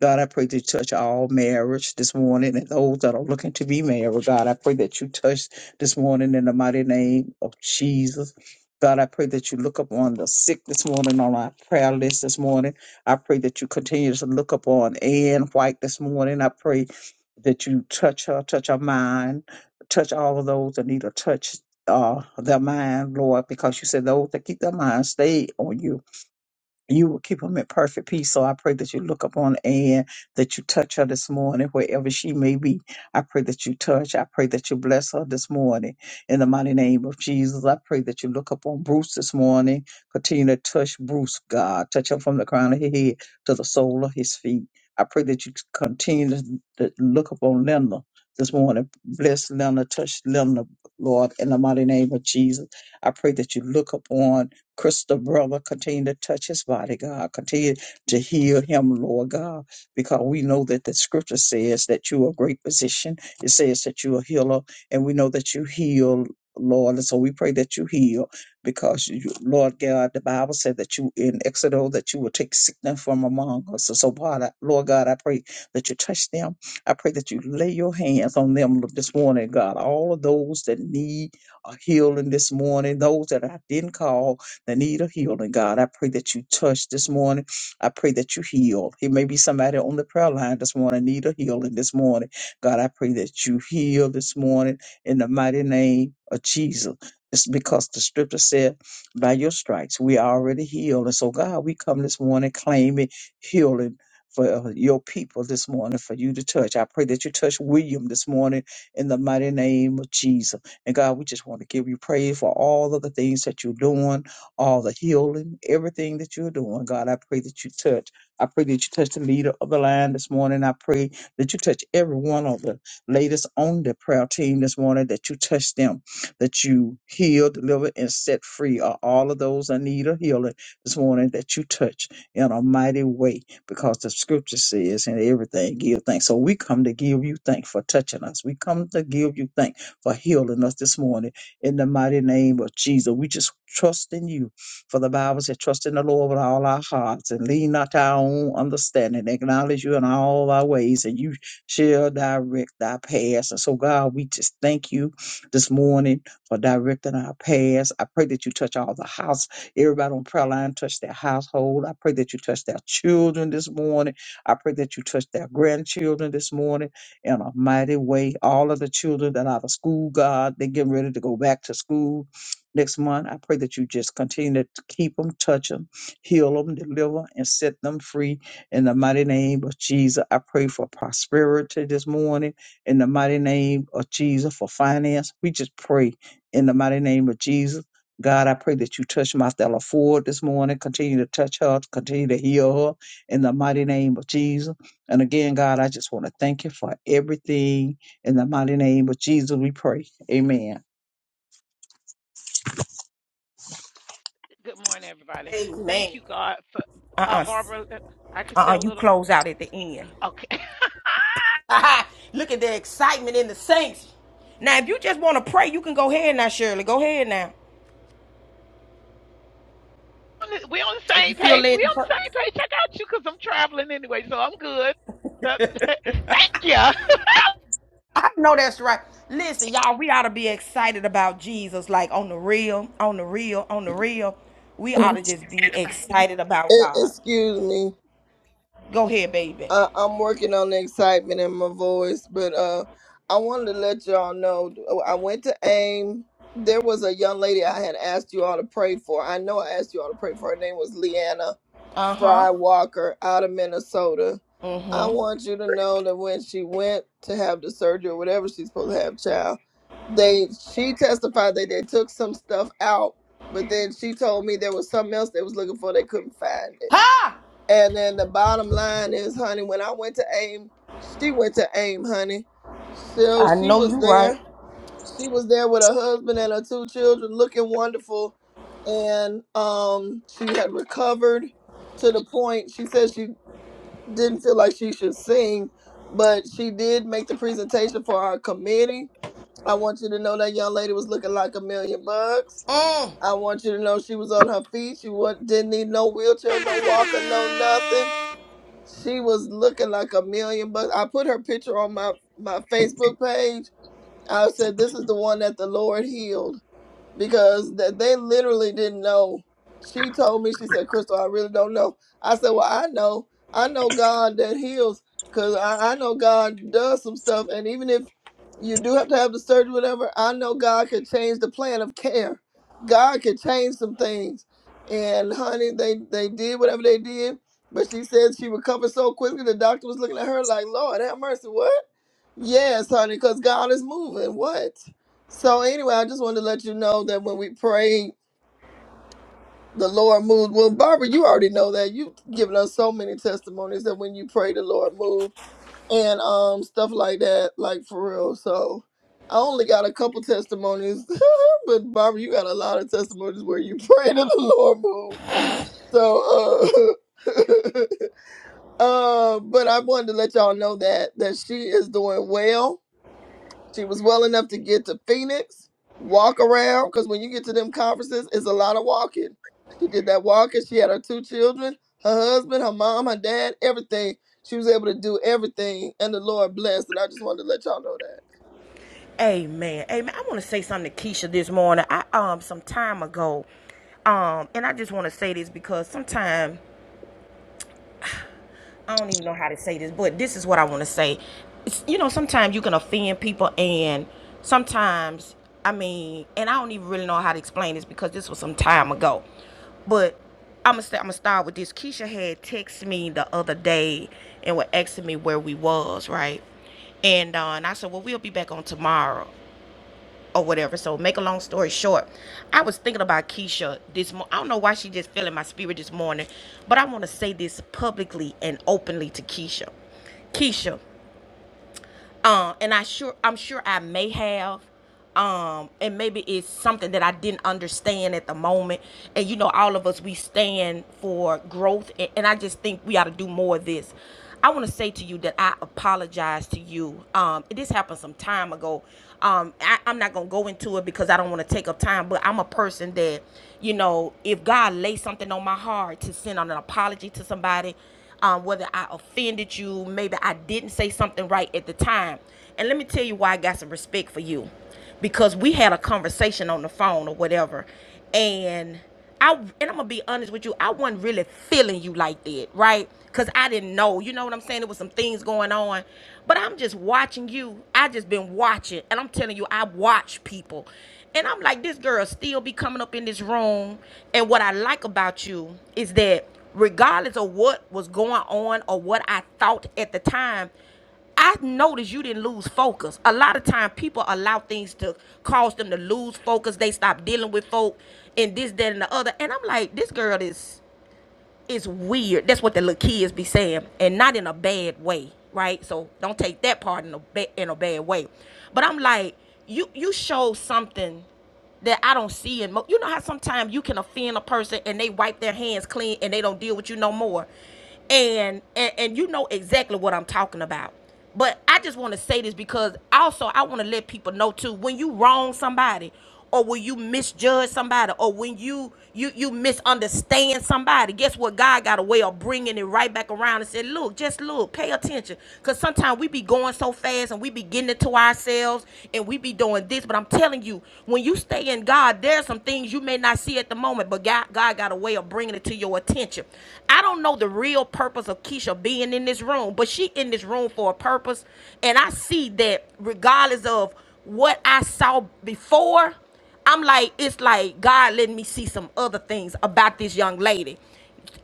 God, I pray that you touch all marriage this morning and those that are looking to be married. God, I pray that you touch this morning in the mighty name of Jesus. God, I pray that you look upon the sick this morning on our prayer list this morning. I pray that you continue to look upon Ann White this morning. I pray that you touch her, touch her mind, touch all of those that need to touch uh, their mind, Lord, because you said those that keep their mind stay on you. You will keep them in perfect peace. So I pray that you look upon Ann, that you touch her this morning, wherever she may be. I pray that you touch. I pray that you bless her this morning. In the mighty name of Jesus, I pray that you look upon Bruce this morning. Continue to touch Bruce, God. Touch him from the crown of his head to the sole of his feet. I pray that you continue to to look upon Linda this morning. Bless Linda, touch Linda, Lord, in the mighty name of Jesus. I pray that you look upon Crystal brother, continue to touch his body, God. Continue to heal him, Lord God, because we know that the scripture says that you are a great physician. It says that you are a healer, and we know that you heal, Lord. And so we pray that you heal because, you, Lord God, the Bible said that you in Exodus that you will take sickness from among us. And so, God, Lord God, I pray that you touch them. I pray that you lay your hands on them this morning, God. All of those that need a healing this morning, those that I didn't call the need of healing, God. I pray that you touch this morning. I pray that you heal. It may be somebody on the prayer line this morning, need a healing this morning. God, I pray that you heal this morning in the mighty name of Jesus. It's because the scripture said, by your stripes, we are already healed. And so, God, we come this morning claiming healing for uh, your people this morning, for you to touch. I pray that you touch William this morning in the mighty name of Jesus. And God, we just want to give you praise for all of the things that you're doing all the healing, everything that you're doing. God, I pray that you touch. I pray that you touch the leader of the line this morning. I pray that you touch everyone on the latest on the prayer team this morning, that you touch them, that you heal, deliver, and set free are all of those that need a healing this morning, that you touch in a mighty way, because the scripture says, and everything, give thanks. So we come to give you thanks for touching us. We come to give you thanks for healing us this morning in the mighty name of Jesus. We just trust in you. For the Bible said, trust in the Lord with all our hearts and lean not to our own understanding. Acknowledge you in all our ways and you shall direct our paths. And so, God, we just thank you this morning for directing our paths. I pray that you touch all the house, everybody on prayer line, touch their household. I pray that you touch their children this morning. I pray that you touch their grandchildren this morning in a mighty way. All of the children that are out of school, God, they're getting ready to go back to school next month. I pray that you just continue to keep them, touch them, heal them, deliver, and set them free in the mighty name of Jesus. I pray for prosperity this morning in the mighty name of Jesus, for finance. We just pray in the mighty name of Jesus. God, I pray that you touch my Stella Ford this morning. Continue to touch her, continue to heal her in the mighty name of Jesus. And again, God, I just want to thank you for everything. In the mighty name of Jesus, we pray. Amen.
Good morning, everybody.
Amen.
Thank you, God, for uh,
Uh-uh.
Barbara. uh, I could say a
Uh-uh. You
little.
close out at the end.
Okay.
Aha! Look at the excitement in the saints. Now, if you just want to pray, you can go ahead now, Shirley. Go ahead now.
we on the
If you
same
feel
page. We
led to
on the
pray.
same page. I got you because I'm traveling anyway, so I'm good. Thank you.
I know that's right. Listen, y'all, we ought to be excited about Jesus, like on the real, on the real, on the real. We ought
Uh,
to just be excited about
e-
God.
excuse me.
Go ahead, baby.
I, I'm working on the excitement in my voice, but uh, I wanted to let y'all know oh, I went to AIM. There was a young lady I had asked you all to pray for. I know I asked you all to pray for. Her name was Leanna
Uh huh.
Fry Walker out of Minnesota.
Uh
I
huh.
want you to know that when she went to have the surgery or whatever she's supposed to have, child, they she testified that they took some stuff out, but then she told me there was something else they was looking for. They couldn't find it.
Ha!
And then the bottom line is, honey, when I went to AIM, she went to AIM, honey. So
I
she
know you
was
right.
there. She was there with her husband and her two children looking wonderful. And um she had recovered to the point she said she didn't feel like she should sing, but she did make the presentation for our committee. I want you to know that young lady was looking like a million bucks.
Mm.
I want you to know she was on her feet. She wa- didn't need no wheelchair, no walker, no nothing she was looking like a million bucks. I put her picture on my my Facebook page. I said, "This is the one that the Lord healed." because that they literally didn't know. She told me, she said, Crystal, I really don't know. I said, Well, I know. I know God that heals because I, I know God does some stuff. And even if you do have to have the surgery, whatever, I know God can change the plan of care. God can change some things. And honey, they, they did whatever they did. But she said she recovered so quickly, the doctor was looking at her like, Lord, have mercy, what? Yes, honey, because God is moving. What? So anyway, I just wanted to let you know that when we pray, the Lord moved. Well, Barbara, you already know that. You've given us so many testimonies that when you pray, the Lord moved and um stuff like that, like for real. So I only got a couple testimonies, but Barbara, you got a lot of testimonies where you prayed and the Lord moved. So uh uh but I wanted to let y'all know that that she is doing well She was well enough to get to Phoenix, walk around, because when you get to them conferences, it's a lot of walking. She did that walking. She had her two children, her husband, her mom, her dad, everything. She was able to do everything, and the Lord blessed. And I just wanted to let y'all know
Amen. Amen. I want to say something to Keisha this morning. I um some time ago, um, and I just want to say this because sometimes I don't even know how to say this, but this is what I want to say. It's, you know, sometimes you can offend people, and sometimes, I mean, and I don't even really know how to explain this because this was some time ago. But I'm gonna st- I'm gonna start with this. Keisha had texted me the other day and was asking me where we was, right? And uh, and I said, well, we'll be back on tomorrow or whatever. So make a long story short, I was thinking about Keisha this morning. I don't know why she just fell in my spirit this morning, but I want to say this publicly and openly to Keisha. Keisha, um and i sure i'm sure i may have um and maybe it's something that i didn't understand at the moment and you know all of us we stand for growth and, and i just think we ought to do more of this i want to say to you that i apologize to you um this happened some time ago um I, i'm not gonna go into it because i don't want to take up time but i'm a person that you know if god lays something on my heart to send out an apology to somebody um, whether I offended you, maybe I didn't say something right at the time. And let me tell you why I got some respect for you because we had a conversation on the phone or whatever. And I and I'm gonna be honest with you, I wasn't really feeling you like that, right? Cause I didn't know, you know what I'm saying? There was some things going on, but I'm just watching you. I just been watching, and I'm telling you, I watch people, and I'm like, this girl still be coming up in this room. And what I like about you is that regardless of what was going on or what I thought at the time, I noticed you didn't lose focus. A lot of time people allow things to cause them to lose focus. They stop dealing with folk and this, that, and the other. And I'm like, this girl is is weird. That's what the little kids be saying. And not in a bad way, right? So don't take that part in a ba- in a bad way. But I'm like, you you showed something that I don't see in mo- you know how sometimes you can offend a person and they wipe their hands clean and they don't deal with you no more. And and, and you know exactly what I'm talking about. But I just want to say this because also I want to let people know too when you wrong somebody or when you misjudge somebody or when you you you misunderstand somebody guess what god got a way of bringing it right back around and said look just look pay attention because sometimes we be going so fast and we be getting getting it to ourselves and we be doing this. But I'm telling you, when you stay in God, there's some things you may not see at the moment, but God, God got a way of bringing it to your attention. I don't know the real purpose of Keisha being in this room, but she in this room for a purpose. And I see that regardless of what I saw before, I'm like, it's like God letting me see some other things about this young lady.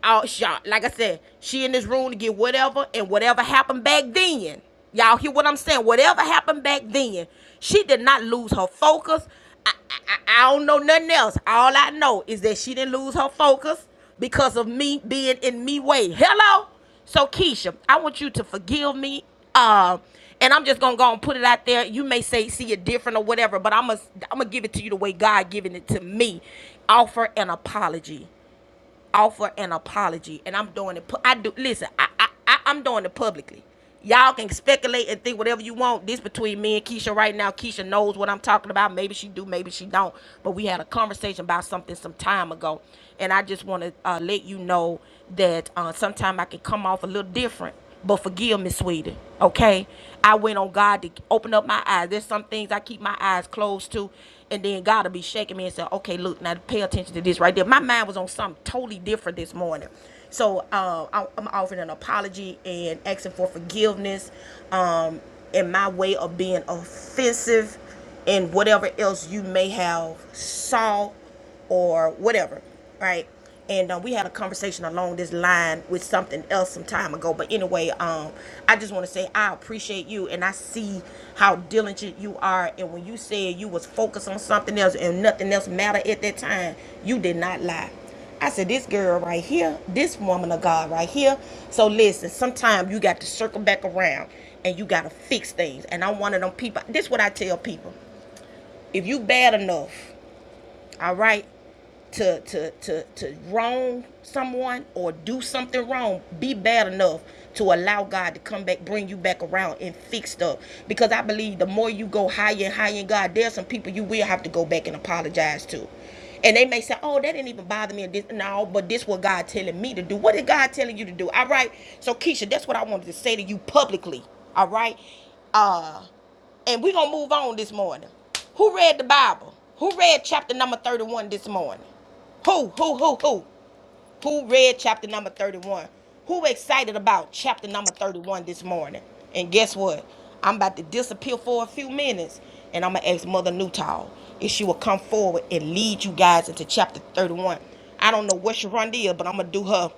All shot. Like I said, she in this room to get whatever and whatever happened back then. Y'all hear what I'm saying? Whatever happened back then, she did not lose her focus. I, I, I I don't know nothing else. All I know is that she didn't lose her focus because of me being in me way. Hello? So Keisha, I want you to forgive me. Uh, and I'm just gonna go and put it out there. You may say see it different or whatever, but I'm gonna I'm gonna give it to you the way God giving it to me. Offer an apology offer an apology, and I'm doing it. I do listen. I I, I I'm doing it publicly. Y'all can speculate and think whatever you want. This between me and Keisha right now. Keisha knows what I'm talking about. Maybe she do, maybe she don't. But we had a conversation about something some time ago, and I just want to uh, let you know that uh, sometime I can come off a little different but forgive me, sweetie. Okay? I went on God to open up my eyes. There's some things I keep my eyes closed to. And then God will be shaking me and say, okay, look, now pay attention to this right there. My mind was on something totally different this morning. So uh, I- am offering an apology and asking for forgiveness um, in my way of being offensive and whatever else you may have saw or whatever, right? And um, we had a conversation along this line with something else some time ago. But anyway, um, I just want to say I appreciate you, and I see how diligent you are. And when you said you was focused on something else and nothing else mattered at that time, you did not lie. I said, this girl right here, this woman of God right here. So listen, sometimes you got to circle back around and you got to fix things. And I'm one of them people. This is what I tell people. If you bad enough all right to to to to wrong someone or do something wrong be bad enough to allow god to come back bring you back around and fix stuff because i believe the more you go higher and higher in god there's some people you will have to go back and apologize to and they may say, "Oh, that didn't even bother me." And this, no, but this what God telling me to do. What is God telling you to do? All right. So Keisha, that's what I wanted to say to you publicly. All right. Uh and we're going to move on this morning. Who read the Bible? Who read chapter number 31 this morning? Who, who, who, who? Who read chapter number 31? Who excited about chapter number 31 this morning? And guess what? I'm about to disappear for a few minutes and I'm going to ask Mother Newtall if she will come forward and lead you guys into chapter 31. I don't know what Sharonda is, but I'm going to do her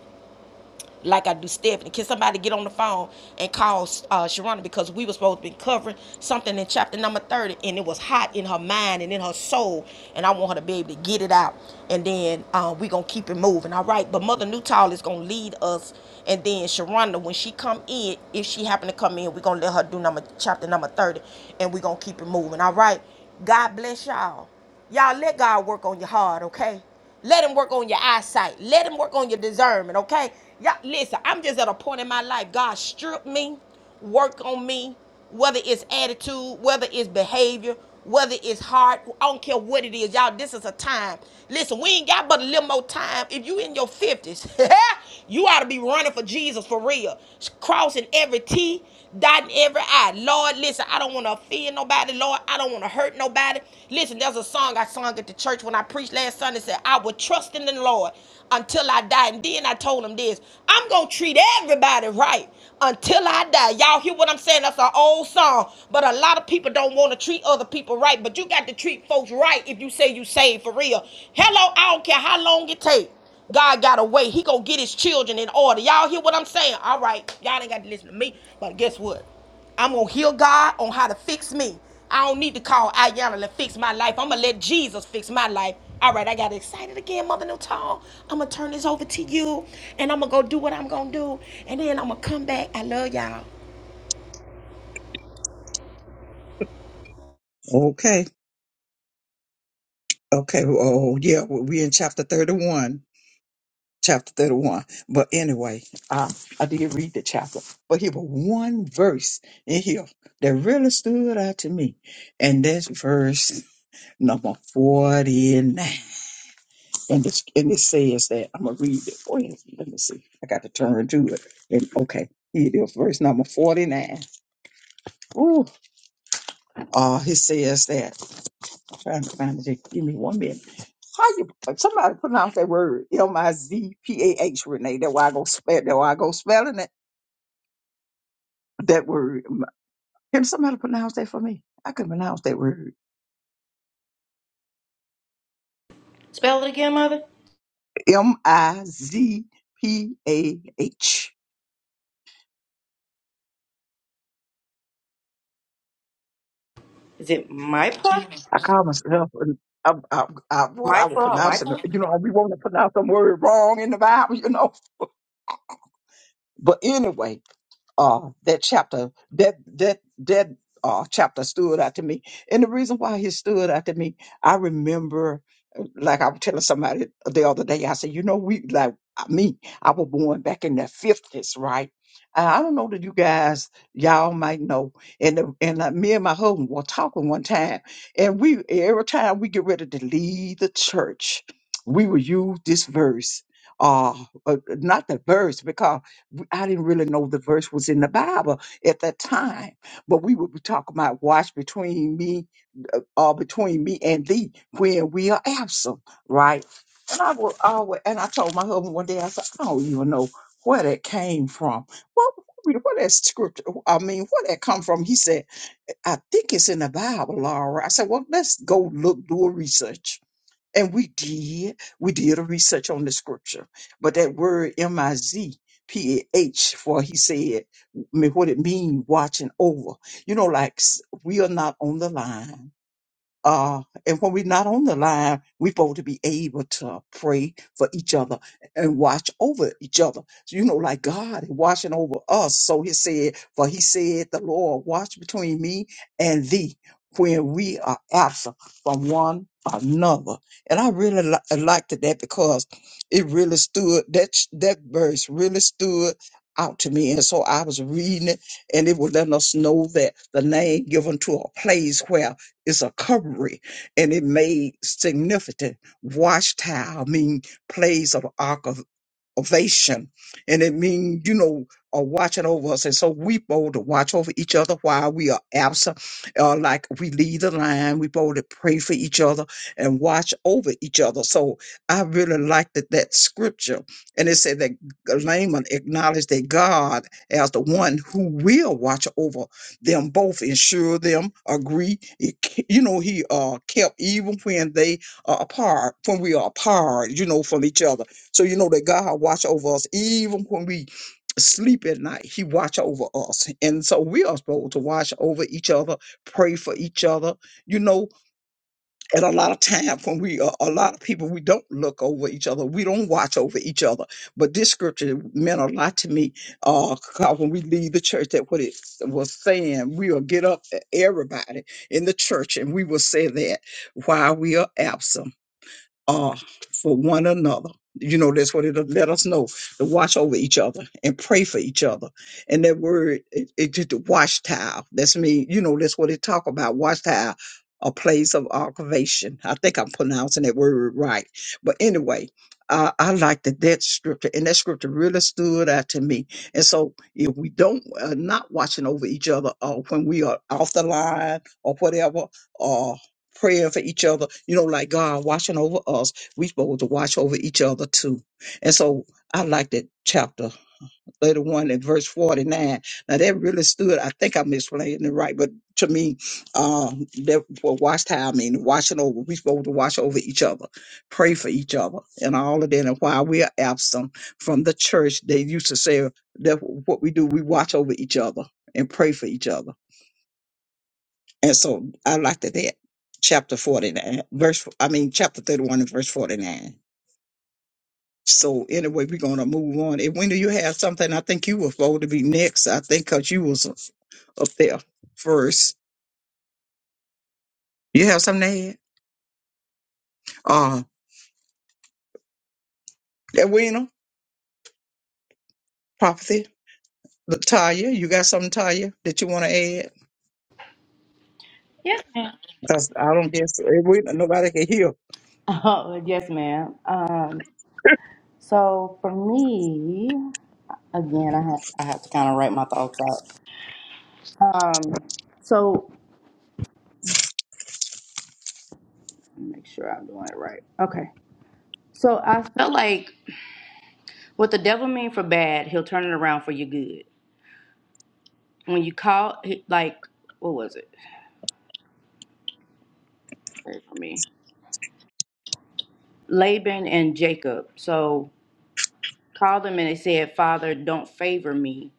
like I do Stephanie. Can somebody get on the phone and call uh, Sharonda because we were supposed to be covering something in chapter number 30 and it was hot in her mind and in her soul. And I want her to be able to get it out. And then uh, we're going to keep it moving. All right. But Mother Newtall is going to lead us. And then Sharonda, when she come in, if she happen to come in, we're going to let her do number chapter number 30 and we're going to keep it moving. All right. God bless y'all. Y'all let God work on your heart, okay? Let him work on your eyesight. Let him work on your discernment, okay? Y'all, listen, I'm just at a point in my life. God strip me, work on me, whether it's attitude, whether it's behavior, whether it's heart. I don't care what it is. Y'all, this is a time. Listen, we ain't got but a little more time. If you in your 50s, you ought to be running for Jesus for real. Crossing every T, dotting every I. Lord, listen, I don't want to offend nobody. Lord, I don't want to hurt nobody. Listen, there's a song I sung at the church when I preached last Sunday. It Said, I will trust in the Lord until I die. And then I told him this I'm going to treat everybody right until I die. Y'all hear what I'm saying? That's an old song. But a lot of people don't want to treat other people right. But you got to treat folks right if you say you saved for real. Hello, I don't care how long it takes. God got a way. He gonna get his children in order. Y'all hear what I'm saying? All right. Y'all ain't got to listen to me. But guess what? I'm gonna hear God on how to fix me. I don't need to call Ayanna to fix my life. I'm gonna let Jesus fix my life. All right, I got excited again, Mother Newton. I'm gonna turn this over to you, and I'm gonna go do what I'm gonna do, and then I'm gonna come back. I love y'all.
Okay. Okay. Oh, yeah. We're in chapter 31. Chapter 31. But anyway, I, I did read the chapter, but here was one verse in here that really stood out to me. And that's verse number 49. And, it's, and it says that I'm going to read it. Oh, yeah, let me see. I got to turn to it. And okay, here it is, verse number 49. Ooh. Uh, he says that. I'm trying to find it. Just Give me one minute. How you somebody pronounce that word? M I Z P A H. Renee. That why I go spell. That why I go spelling it. That word. Can somebody pronounce that for me? I couldn't pronounce that word.
Spell it again, mother.
M I Z P A H.
Is it Michael
I call myself. an- i I'm, I'm, what I was
or
pronouncing,
Michael?
you know, we want to pronounce some word wrong in the Bible, you know. But anyway, uh, that chapter that that that uh, chapter stood out to me, and the reason why he stood out to me, I remember, uh, like I was telling somebody the other day, I said, you know, we like uh, me, I was born back in the fifties, right? And I don't know that you guys, y'all might know, and the, and uh, me and my husband were talking one time, and we every time we get ready to leave the church, we would use this verse. Uh, uh, not the verse because I didn't really know the verse was in the Bible at that time, but we would be talking about watch between me, uh, or between me and thee when we are absent, right? And I will always, and I told my husband one day, I said, I don't even know where that came from. What, where that scripture, I mean, where that come from? He said, I think it's in the Bible, Laura. I said, well, let's go look, do a research and we did. We did a research on the scripture. But that word M I Z P A H, for he said, me- what it mean watching over. You know, like s- we are not on the line. Uh, and when we're not on the line, we're supposed to be able to pray for each other and watch over each other. So, you know, like God is watching over us. So he said, for he said, the Lord watch between me and thee when we are absent from one another. And I really li- liked that because it really stood, that, ch- that verse really stood out to me. And so I was reading it and it was letting us know that the name given to a place where it's a covering, and it made significant. Watchtower mean plays of the archivists salvation. And it means, you know, are watching over us. And so we bold to watch over each other while we are absent. Uh, like we lead the line, we bold to pray for each other and watch over each other. So I really liked that, that scripture. And it said that Laman acknowledged that God as the one who will watch over them both, ensure them, agree. It ke- you know, he uh, kept even when they are apart, when we are apart, you know, from each other. So you know that God watch over us even when we sleep at night. He watch over us. And so we are supposed to watch over each other, pray for each other. You know, at a lot of times when we are a lot of people, we don't look over each other. We don't watch over each other. But this scripture meant a lot to me. Uh 'cause when we leave the church, that what it was saying, we'll get up e-, everybody in the church and we will say that while we are absent uh, for one another. You know, that's what it'll let us know to watch over each other and pray for each other. And that word, it, it just the watch That's me. You know, that's what it talk about. Watchtower, a place of occupation. I think I'm pronouncing that word right. But anyway, I, I like that that scripture and that scripture really stood out to me. And so if we don't uh, not watching over each other or when we are off the line or whatever, uh, prayer for each other, you know, like God watching over us, we supposed to watch over each other too. And so I like that chapter 31 and verse 49. Now that really stood, I think I'm explaining it right, but to me, um, that what watch time mean watching over, we supposed to watch over each other, pray for each other, and all of that. And while we are absent from the church, they used to say that what we do, we watch over each other and pray for each other and so I looked at that chapter 49, verse, I mean, chapter 31 and verse 49. So anyway, we're going to move on. And when do you have something? I think you were supposed to be next. I think because you was up there first. You have something to add? Uh, Edwina, prophecy. Taya, you got something, Taya, that you want to add?
Yes, ma'am.
Because I don't guess Edwina, nobody can hear.
Oh, yes, ma'am. Um, so for me, again, I have I have to kind of write my thoughts out. Um, so let me make sure I'm doing it right. Okay. So I felt like what the devil mean for bad, he'll turn it around for your good. When you call, he- like, what was it? Wait for me. Laban and Jacob. So called them and they said, Father, don't favor me.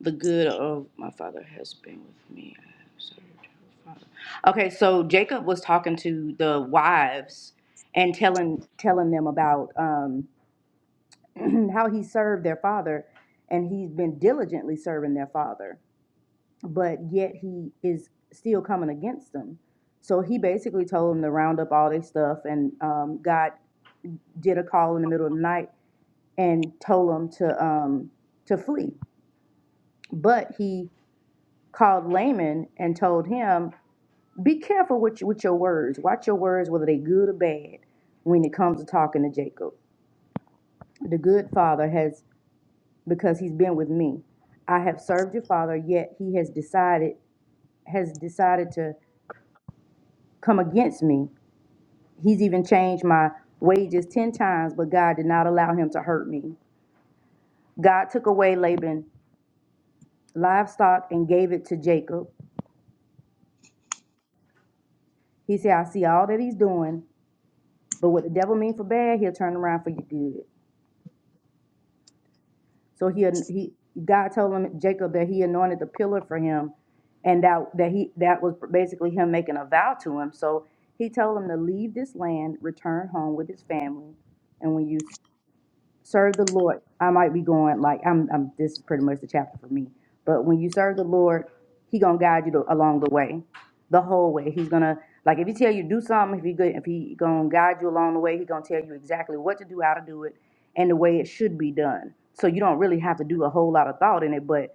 The good of my father has been with me. I have served your father." Okay, so Jacob was talking to the wives and telling telling them about. um. how he served their father and he's been diligently serving their father but yet he is still coming against them so he basically told them to round up all their stuff and um, god did a call in the middle of the night and told them to um, to flee but he called laman and told him be careful with, with your words watch your words whether they good or bad when it comes to talking to jacob the good father has because he's been with me. I have served your father, yet he has decided has decided to come against me. He's even changed my wages ten times, but God did not allow him to hurt me. God took away Laban livestock and gave it to Jacob. He said, I see all that he's doing, but what the devil means for bad, he'll turn around for your good. So he he God told him Jacob that he anointed the pillar for him, and that that he that was basically him making a vow to him. So he told him to leave this land, return home with his family, and when you serve the Lord, I might be going like I'm. I'm. This is pretty much the chapter for me. But when you serve the Lord, He gonna guide you to, along the way, the whole way. He's gonna like if He tell you to do something, if He good, if He gonna guide you along the way, He gonna tell you exactly what to do, how to do it, and the way it should be done. So you don't really have to do a whole lot of thought in it, but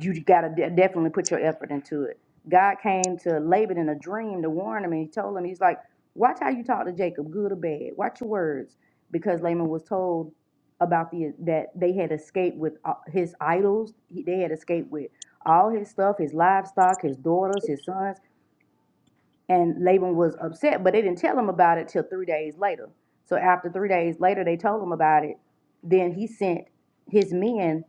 you gotta de- definitely put your effort into it. God came to Laban in a dream to warn him, and he told him, he's like, watch how you talk to Jacob, good or bad. Watch your words, because Laban was told about the that they had escaped with uh, his idols. He, they had escaped with all his stuff, his livestock, his daughters, his sons, and Laban was upset. But they didn't tell him about it till three days later. So after three days later, they told him about it. Then he sent his men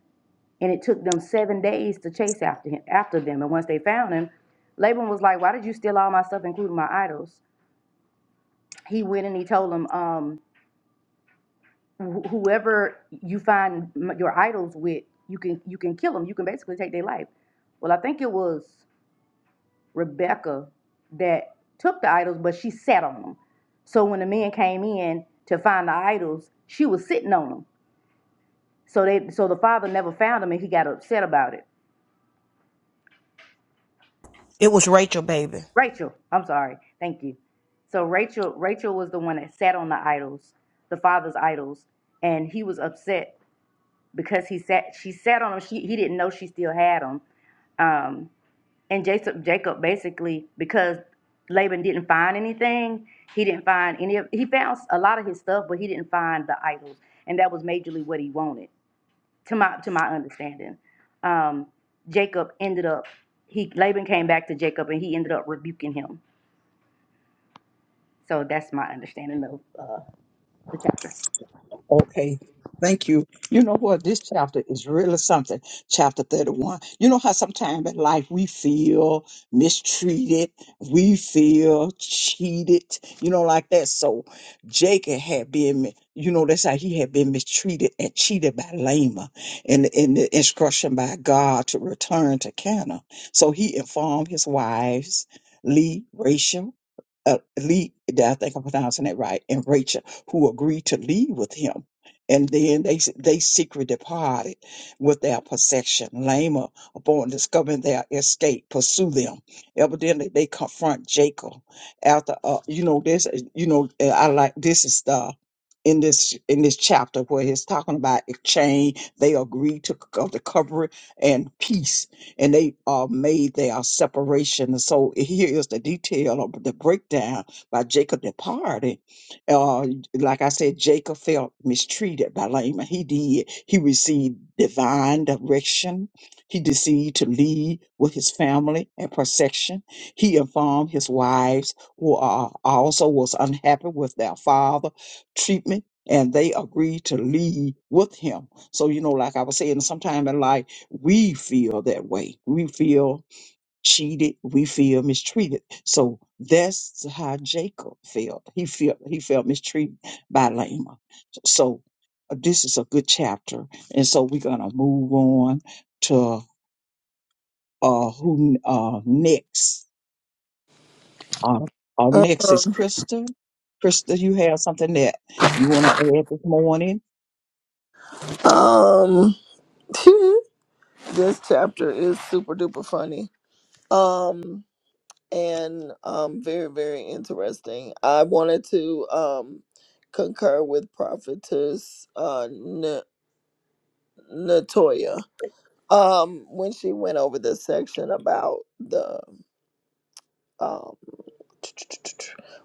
and it took them seven days to chase after him, after them. And once they found him, Laban was like, "Why did you steal all my stuff, including my idols?" He went and he told them, um, wh- "Whoever you find m- your idols with, you can you can kill them. You can basically take their life." Well, I think it was Rebecca that took the idols, but she sat on them. So when the men came in to find the idols, she was sitting on them. So they so the father never found them, and he got upset about it.
It was Rachel, baby.
Rachel, I'm sorry. Thank you. So Rachel Rachel was the one that sat on the idols, the father's idols, and he was upset because he sat she sat on them. She he didn't know she still had them. Um, and Jacob Jacob basically because Laban didn't find anything, he didn't find any of he found a lot of his stuff, but he didn't find the idols, and that was majorly what he wanted to my to my understanding. Um, Jacob ended up he Laban came back to Jacob and he ended up rebuking him So that's my understanding of uh, the chapter.
Okay. Thank you. You know what? This chapter is really something. Chapter 31. You know how sometimes in life we feel mistreated, we feel cheated, you know, like that. So Jacob had been, mi- you know, that's how he had been mistreated and cheated by Lama in, in the instruction by God to return to Cana. So he informed his wives, Lee, Rachel, uh, Lee, I think I'm pronouncing it right, and Rachel who agreed to leave with him. And then they they secretly departed with their possession. Lama, upon discovering their escape, pursue them. Evidently, they confront Jacob after. Uh, you know this. You know uh, I like this is the in this in this chapter where he's talking about exchange. They agreed to c- of the covering and peace, and they uh, made their separation. And so here is the detail of the breakdown by Jacob departing. uh, like I said, Jacob felt mistreated by Laman. He did. He received divine direction. He decided to lead with his family and protection. He informed his wives, who are also was unhappy with their father treatment, and they agreed to lead with him. So you know, like I was saying, sometimes in life we feel that way. We feel cheated, we feel mistreated. So that's how Jacob felt. He felt he felt mistreated by Lama. So uh, this is a good chapter, and so we're gonna move on to uh who uh next. Uh, uh next is
that.
Krista. Krista, you have something that you want to add this morning?
Um, um this chapter is super duper funny. Um, and um, very very interesting. I wanted to um concur with prophetess uh Latoya, um, when she went over the section about the um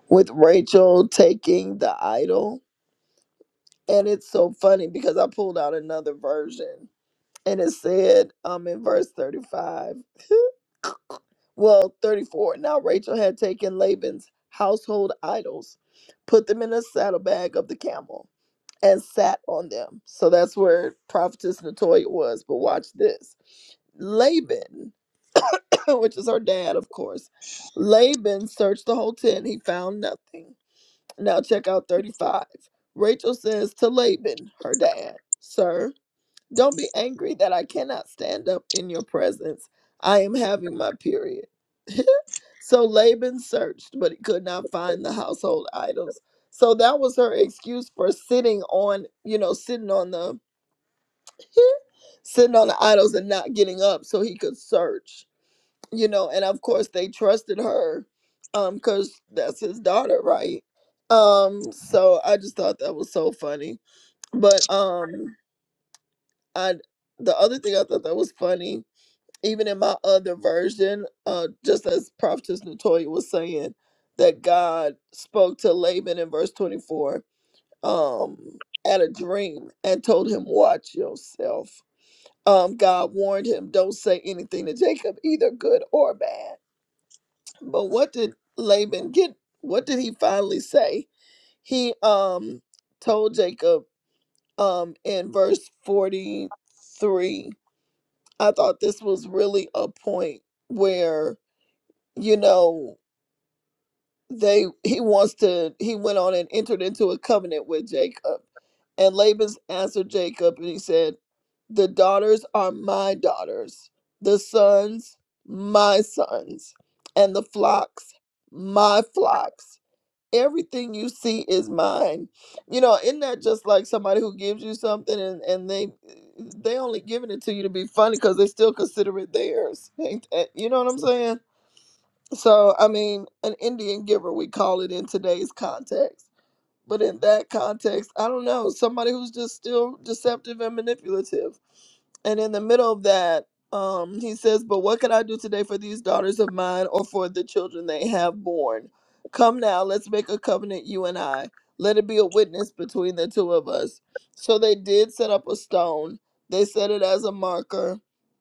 with Rachel taking the idol, and it's so funny because I pulled out another version, and it said um in verse thirty five, well thirty four. Now Rachel had taken Laban's household idols, put them in a saddlebag of the camel, and sat on them. So that's where prophetess Natoya was. But watch this, Laban. which is her dad, of course. Laban searched the whole tent. He found nothing. Now check out 35. Rachel says to Laban, her dad, Sir, don't be angry that I cannot stand up in your presence. I am having my period. So Laban searched, but he could not find the household items. So that was her excuse for sitting on, you know, sitting on the sitting on the idols and not getting up so he could search you know and of course they trusted her um because that's his daughter right um so i just thought that was so funny but um i the other thing i thought that was funny even in my other version uh just as prophetess natoya was saying that god spoke to laban in verse 24 um at a dream and told him watch yourself um god warned him don't say anything to jacob either good or bad But what did Laban get? What did he finally say? He um told Jacob um in verse 43. I thought this was really a point where, you know, they he wants to he went on and entered into a covenant with Jacob. And Laban's answered Jacob and he said, "The daughters are my daughters, the sons my sons, and the flocks my flocks." everything you see is mine you know isn't that just like somebody who gives you something and, and they they only giving it to you to be funny because they still consider it theirs Ain't that- you know what i'm saying so i mean an indian giver we call it in today's context but in that context, I don't know, somebody who's just still deceptive and manipulative. And in the middle of that, um, he says, But what can I do today for these daughters of mine or for the children they have born? Come now, let's make a covenant, you and I. Let it be a witness between the two of us. So they did set up a stone. They set it as a marker.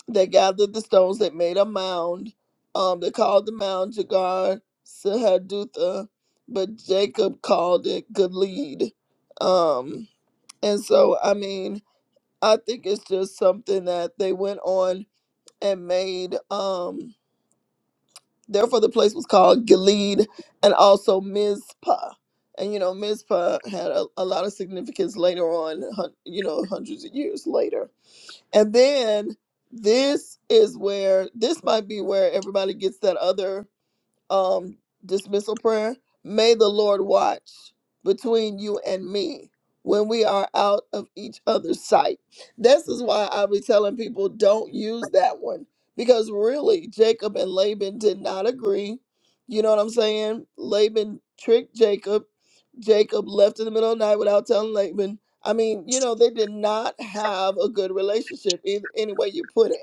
They gathered the stones. They made a mound. Um, they called the mound Jagar Sahadutha but Jacob called it Gilead. Um, and so, I mean, I think it's just something that they went on and made. Um, therefore, the place was called Gilead and also Mizpah. And, you know, Mizpah had a, a lot of significance later on, hun- you know, hundreds of years later. And then this is where, this might be where everybody gets that other um, dismissal prayer. May the Lord watch between you and me when we are out of each other's sight. This is why i be telling people don't use that one because really Jacob and Laban did not agree. You know what I'm saying? Laban tricked Jacob. Jacob left in the middle of the night without telling Laban. I mean, you know, they did not have a good relationship, either, any way you put it.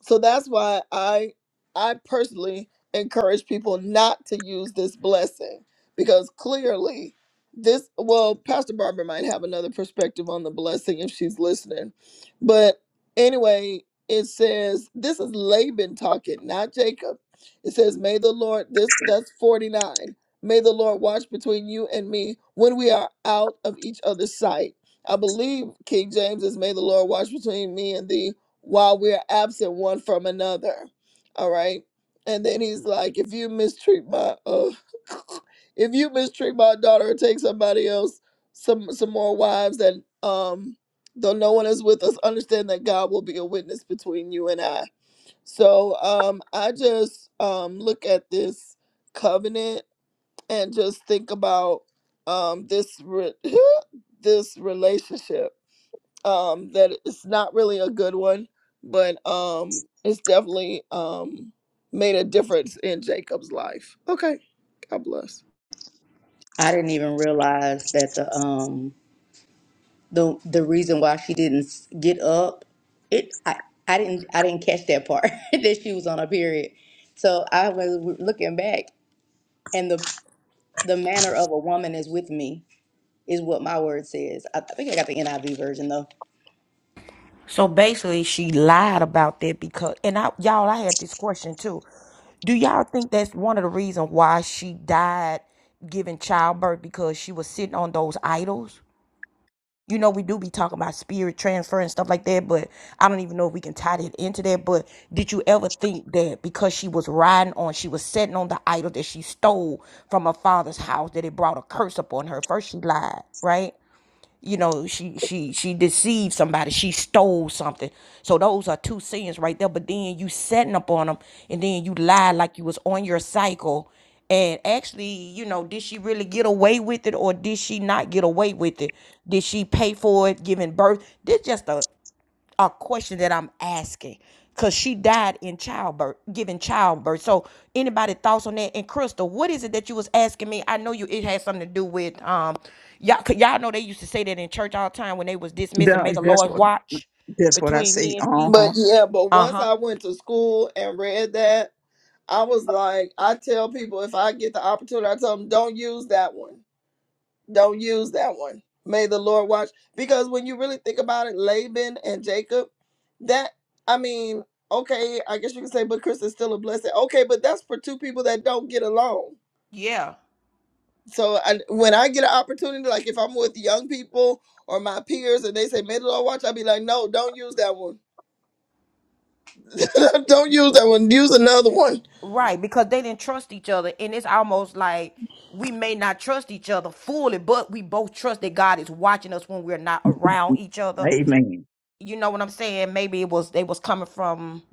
So that's why I I personally encourage people not to use this blessing because clearly this well Pastor Barbara might have another perspective on the blessing if she's listening. But anyway, it says this is Laban talking, not Jacob. It says may the Lord this that's 49. May the Lord watch between you and me when we are out of each other's sight. I believe King James is may the Lord watch between me and thee while we're absent one from another. All right. And then he's like, if you mistreat my uh if you mistreat my daughter, take somebody else, some some more wives and um though no one is with us, understand that God will be a witness between you and I. So um I just um look at this covenant and just think about um this re- this relationship um that it's not really a good one but um it's definitely um made a difference in jacob's life okay god bless
I didn't even realize that the um the the reason why she didn't s- get up it I I didn't I didn't catch that part that she was on her period. So I was w- looking back and the the manner of a woman is with me is what my word says. I, I think I got the NIV version though.
So basically, she lied about that because, and I, y'all, I had this question too. Do y'all think that's one of the reasons why she died giving childbirth because she was sitting on those idols? You know, we do be talking about spirit transfer and stuff like that, but I don't even know if we can tie that into that. But did you ever think that because she was riding on, she was sitting on the idol that she stole from her father's house, that it brought a curse upon her? First, she lied, right? you know she she she deceived somebody she stole something so those are two sins right there but then you setting up on them and then you lie like you was on your cycle and actually you know did she really get away with it or did she not get away with it did she pay for it giving birth this just a a question that I'm asking because she died in childbirth, giving childbirth. So, anybody thoughts on that? And Crystal, what is it that you was asking me? I know you it had something to do with um, y'all. Cause y'all know they used to say that in church all the time when they was dismissing,
Yeah,
make a
That's
Lord's
what
watch
that's what I
between
say.
me and
Uh
me.
but
huh.
yeah but
Uh
once
huh.
i went to school and read that i was like i tell people if i get the opportunity i tell them don't use that one don't use that one may the lord watch because when you really think about it laban and jacob that i mean okay i guess you can say but chris is still a blessing okay but that's for two people that don't get along
Yeah.
So I, when I get an opportunity, like if I'm with young people or my peers and they say middle or watch, I'll be like, no, don't use that one. don't use that one. Use another one.
Right, because they didn't trust each other, and it's almost like we may not trust each other fully, but we both trust that God is watching us when we're not around each other.
Amen.
you know what I'm saying? Maybe it was they was coming from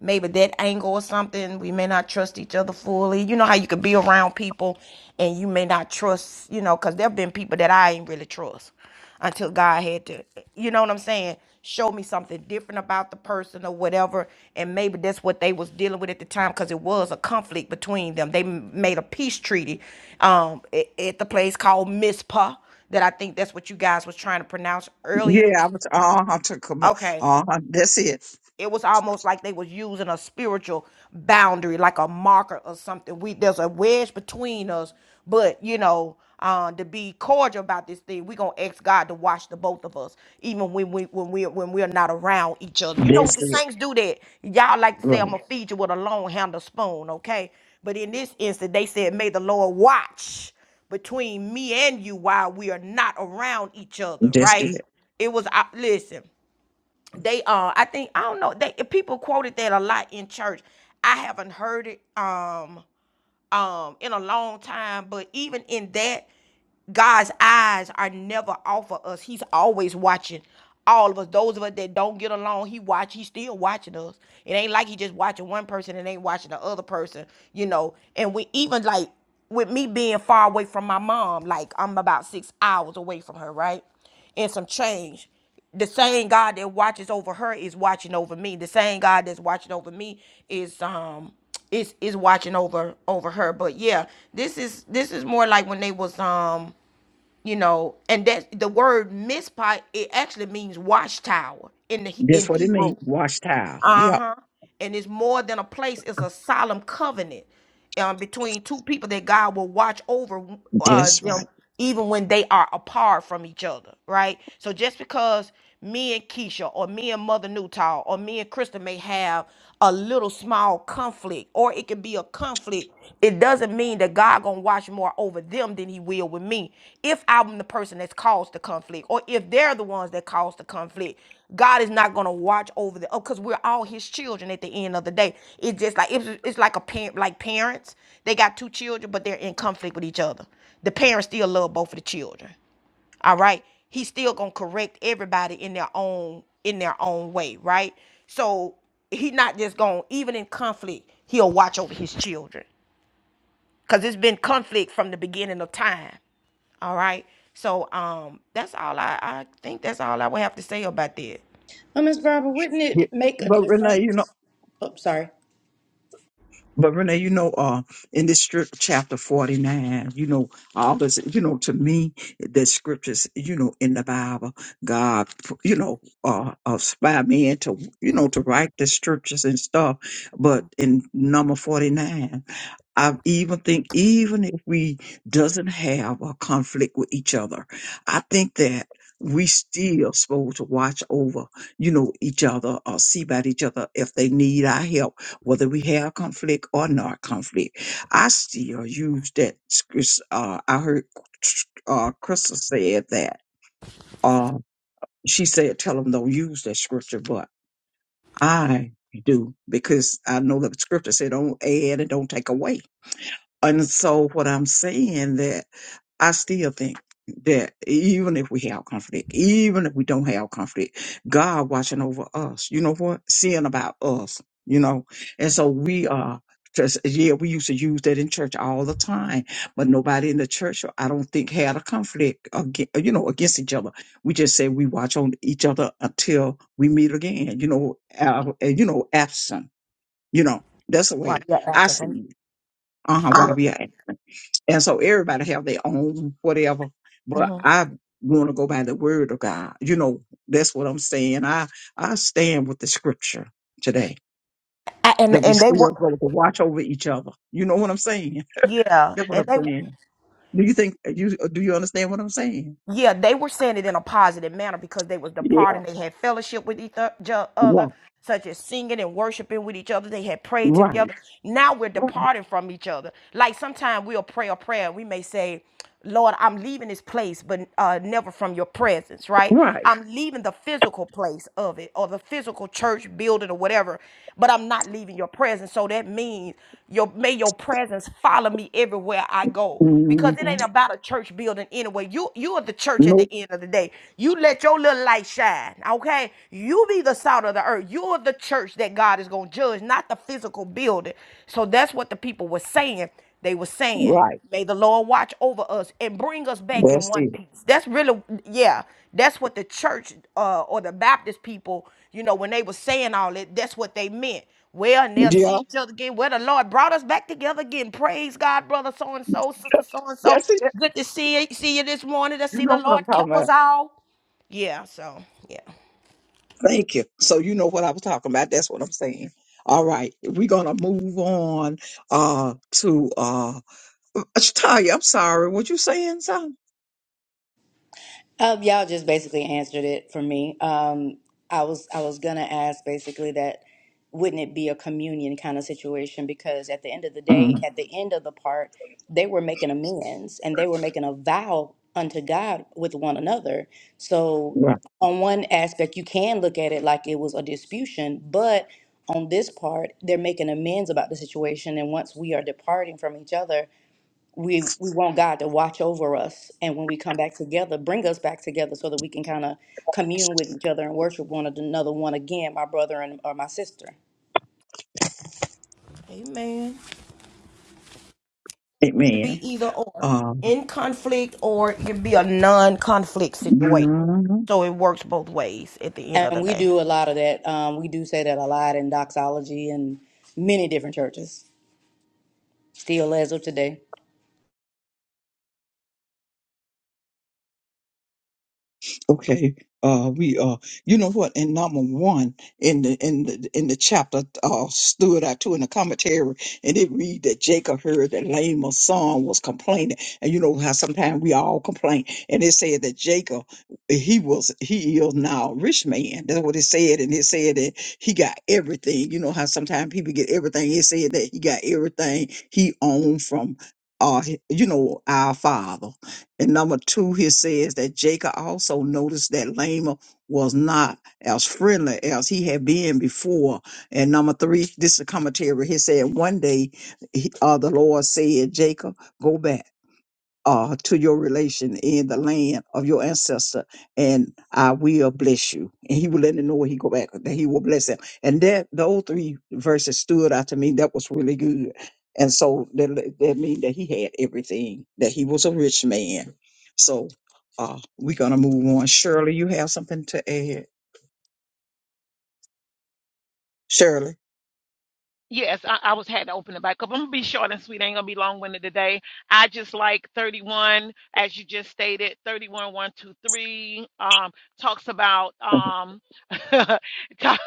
maybe that angle or something. We may not trust each other fully. You know how you could be around people and you may not trust, you know, because there have been people that I ain't really trust until God had to, you know what I'm saying? Show me something different about the person or whatever, and maybe that's what they was dealing with at the time because it was a conflict between them. They m- made a peace treaty um, a- at the place called Mizpah that I think that's what you guys was trying to pronounce earlier.
Yeah, I was uh huh to come uh
Okay,
huh. That's it.
it was almost like they was using a spiritual boundary like a marker or something we there's a wedge between us but you know uh, to be cordial about this thing we gonna ask god to watch the both of us even when we when we when we're not around each other you know
That's
the
it.
saints do that y'all like to say i'm
Right.
gonna feed you with a long handle spoon okay but in this instance they said may the lord watch between me and you while we are not around each other
That's
right
it.
it was uh, listen they uh i think i don't know they people quoted that a lot in church i haven't heard it um um in a long time but even in that God's eyes are never off of us. He's always watching all of us. Those of us that don't get along, he watch. He's still watching us. It ain't like he just watching one person and ain't watching the other person, you know. And we even like with me being far away from my mom, like I'm about six hours away from her, right? And some change. The same God that watches over her is watching over me. The same God that's watching over me is um is is watching over over her. But yeah, this is this is more like when they was um you know, and that the word mispah it actually means watchtower in the He- in
That's what it
Hebrew.
means. Wash towel.
Uh
Yep.
huh. And it's more than a place; it's a solemn covenant um, between two people that God will watch over uh,
That's
them,
right.
even when they are apart from each other. Right. So just because me and Keisha, or me and Mother Newtall, or me and Krista may have a little small conflict, or it could be a conflict. It doesn't mean that God gonna watch more over them than he will with me. If I'm the person that's caused the conflict, or if they're the ones that caused the conflict, God is not gonna watch over the oh, because we're all his children at the end of the day. It's just like it's, it's like a parent like parents. They got two children, but they're in conflict with each other. The parents still love both of the children. All right. He's still gonna correct everybody in their own in their own way, right? So He's not just gonna even in conflict, he'll watch over his children because it's been conflict from the beginning of time. All right. So um, that's all I, I think that's all I would have to say about that.
Oh, Miss Barbara, wouldn't
Yeah.
it make a
But Renee,
difference?
you know.
Oh, sorry.
But Renee, you know, uh, in this script, chapter 49, you know, all this, you know, to me, the scriptures, you know, in the Bible, God, you know, uh, inspired me into, you know, to write the scriptures and stuff. But in number 49, I even think even if we doesn't have a conflict with each other, I think that we still supposed to watch over, you know, each other or see about each other if they need our help, whether we have conflict or not conflict. I still use that. scr- Uh, I heard uh, Crystal said that. Uh, she said, "Tell them don't use that scripture," but I do because I know that the scripture said, "Don't add and don't take away." And so what I'm saying that I still think that even if we have conflict, even if we don't have conflict, God watching over us, you know what? Seeing about us, you know? And so we are just, yeah, we used to use that in church all the time, but nobody in the church, I don't think had a conflict, against, you know, against each other. We just said we watch on each other until we meet again, you know, uh, you know, absent, you know, that's the
Why?
way
Yeah.
I see, it. uh-huh, why we are. And so everybody have their own whatever, but
Mhm.
I want to go by the word of God. You know, that's what I'm saying. I, I stand with the scripture today
I,
that
and
we
and they
still
were
go to watch over each other. You know what I'm saying?
yeah,
That's what
and
I'm
they
saying. Do you think you do you understand what I'm saying?
yeah, they were saying it in a positive manner because they was
Yeah.
departing. They had fellowship with each o-
Right.
other, such as singing and worshiping with each other. They had prayed
Right.
together. Now we're
Right.
departing from each other. Like sometimes we'll pray a prayer. We may say, Lord, I'm leaving this place, but uh, never from your presence, right?
Right.
I'm leaving the physical place of it or the physical church building or whatever, but I'm not leaving your presence. So that means your may your presence follow me everywhere I go
hmm
because it ain't about a church building anyway. You you are the church at the
Nope.
end of the day. You let your little light shine, okay? You be the salt of the earth. You are the church that God is gonna judge, not the physical building. So that's what the people were saying. They were saying,
Right.
"May the Lord watch over us and bring us back in
That's
one
it.
piece." That's really, yeah. That's what the church uh, or the Baptist people, you know, when they were saying all that, that's what they meant. Well, and they'll
Yeah.
see each other again. Well, the Lord brought us back together again. Praise God, brother so and so, sister so and so.
That's it.
Good to see you, see you this morning. To
You
see the
know what
Lord
I'm talking
kept
about.
us all. Yeah. So yeah.
Thank you. So you know what I was talking about. That's what I'm saying. All right. We're gonna move on uh to uh Tanya, I'm sorry, what you saying son?
Um, y'all just basically answered it for me. Um, I was I was gonna ask basically that wouldn't it be a communion kind of situation because at the end of the day,
Mm,
at the end of the part, they were making amends and they were making a vow unto God with one another. So
right.
on one aspect, you can look at it like it was a disputation, but on this part, they're making amends about the situation. And once we are departing from each other, we we want God to watch over us, and when we come back together, bring us back together so that we can kind of commune with each other and worship one another. One again, my brother and or my sister,
Amen. It can
Amen.
be either or,
Um
in conflict or it can be a non-conflict situation.
mm-hmm.
So it works both ways at the end of
and
the
we
day.
do a lot of that. Um, we do say that a lot in doxology and many different churches, still as of today.
Okay. Uh, we uh, you know what? In number one, in the in the in the chapter, uh, stood out too in the commentary, and it read that Jacob heard that Laman's son was complaining, and you know how sometimes we all complain, and it said that Jacob, he was he is now a rich man. That's what it said, and it said that he got everything. You know how sometimes people get everything. It said that he got everything he owned from, uh, you know, our father. And number two, he says that Jacob also noticed that Laman was not as friendly as he had been before. And number three, this is a commentary. He said, One day, he, uh, the Lord said, Jacob, go back uh, to your relation in the land of your ancestor, and I will bless you. And he will let him know when he go back that he will bless him. And that those three verses stood out to me. That was really good. And so that that means that he had everything. That he was a rich man. So uh, we're gonna move on. Shirley, you have something to add? Shirley,
Yes, I, I was had to open it back up. I'm gonna be short and sweet. Ain't gonna be long winded today. I just like 31, as you just stated, 31, 1, two, three. Um, talks about um ta-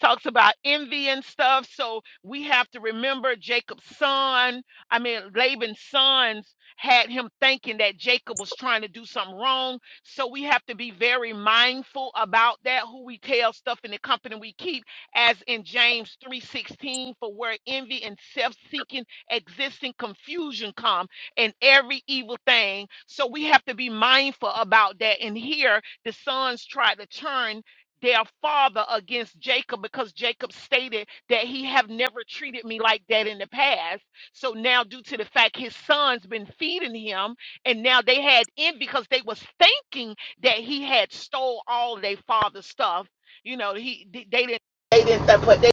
talks about envy and stuff. So we have to remember Jacob's son, I mean Laban's sons had him thinking that Jacob was trying to do something wrong. So we have to be very mindful about that, who we tell stuff and the company we keep as in James 3:16, for where envy and self-seeking existing confusion come and every evil thing. So we have to be mindful about that. And here the sons try to turn their father against Jacob because Jacob stated that he have never treated me like that in the past. So now due to the fact his sons been feeding him and now they had envy because they was thinking that he had stole all their father's stuff you know he they didn't they didn't that, but they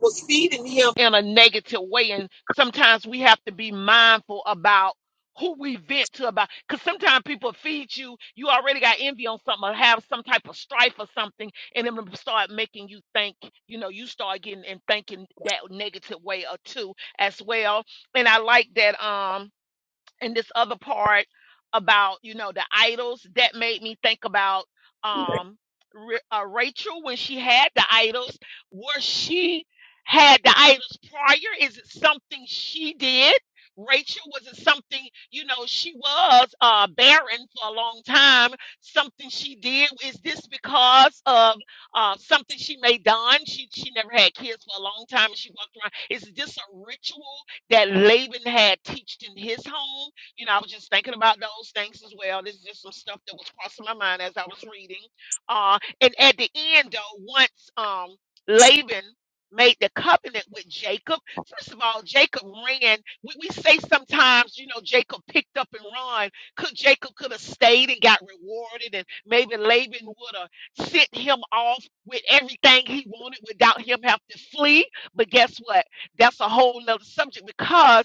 was feeding him in a negative way. And sometimes we have to be mindful about who we vent to about because sometimes people feed you, you already got envy on something or have some type of strife or something, and then start making you think, you know, you start getting and thinking that negative way or two as well. And I like that um and this other part about you know the idols that made me think about um Ra- uh, Rachel when she had the idols was she had the idols prior is it something she did Rachel was it something you know she was uh barren for a long time something she did is this because of uh something she may done she she never had kids for a long time and she walked around is this a ritual that Laban had teached in his home you know, I was just thinking about those things as well. This is just some stuff that was crossing my mind as I was reading. Uh, and at the end, though, once um, Laban made the covenant with Jacob, first of all, Jacob ran. We, we say sometimes, you know, Jacob picked up and run. Could Jacob could have stayed and got rewarded, and maybe Laban would have sent him off with everything he wanted without him having to flee. But guess what? That's a whole nother subject because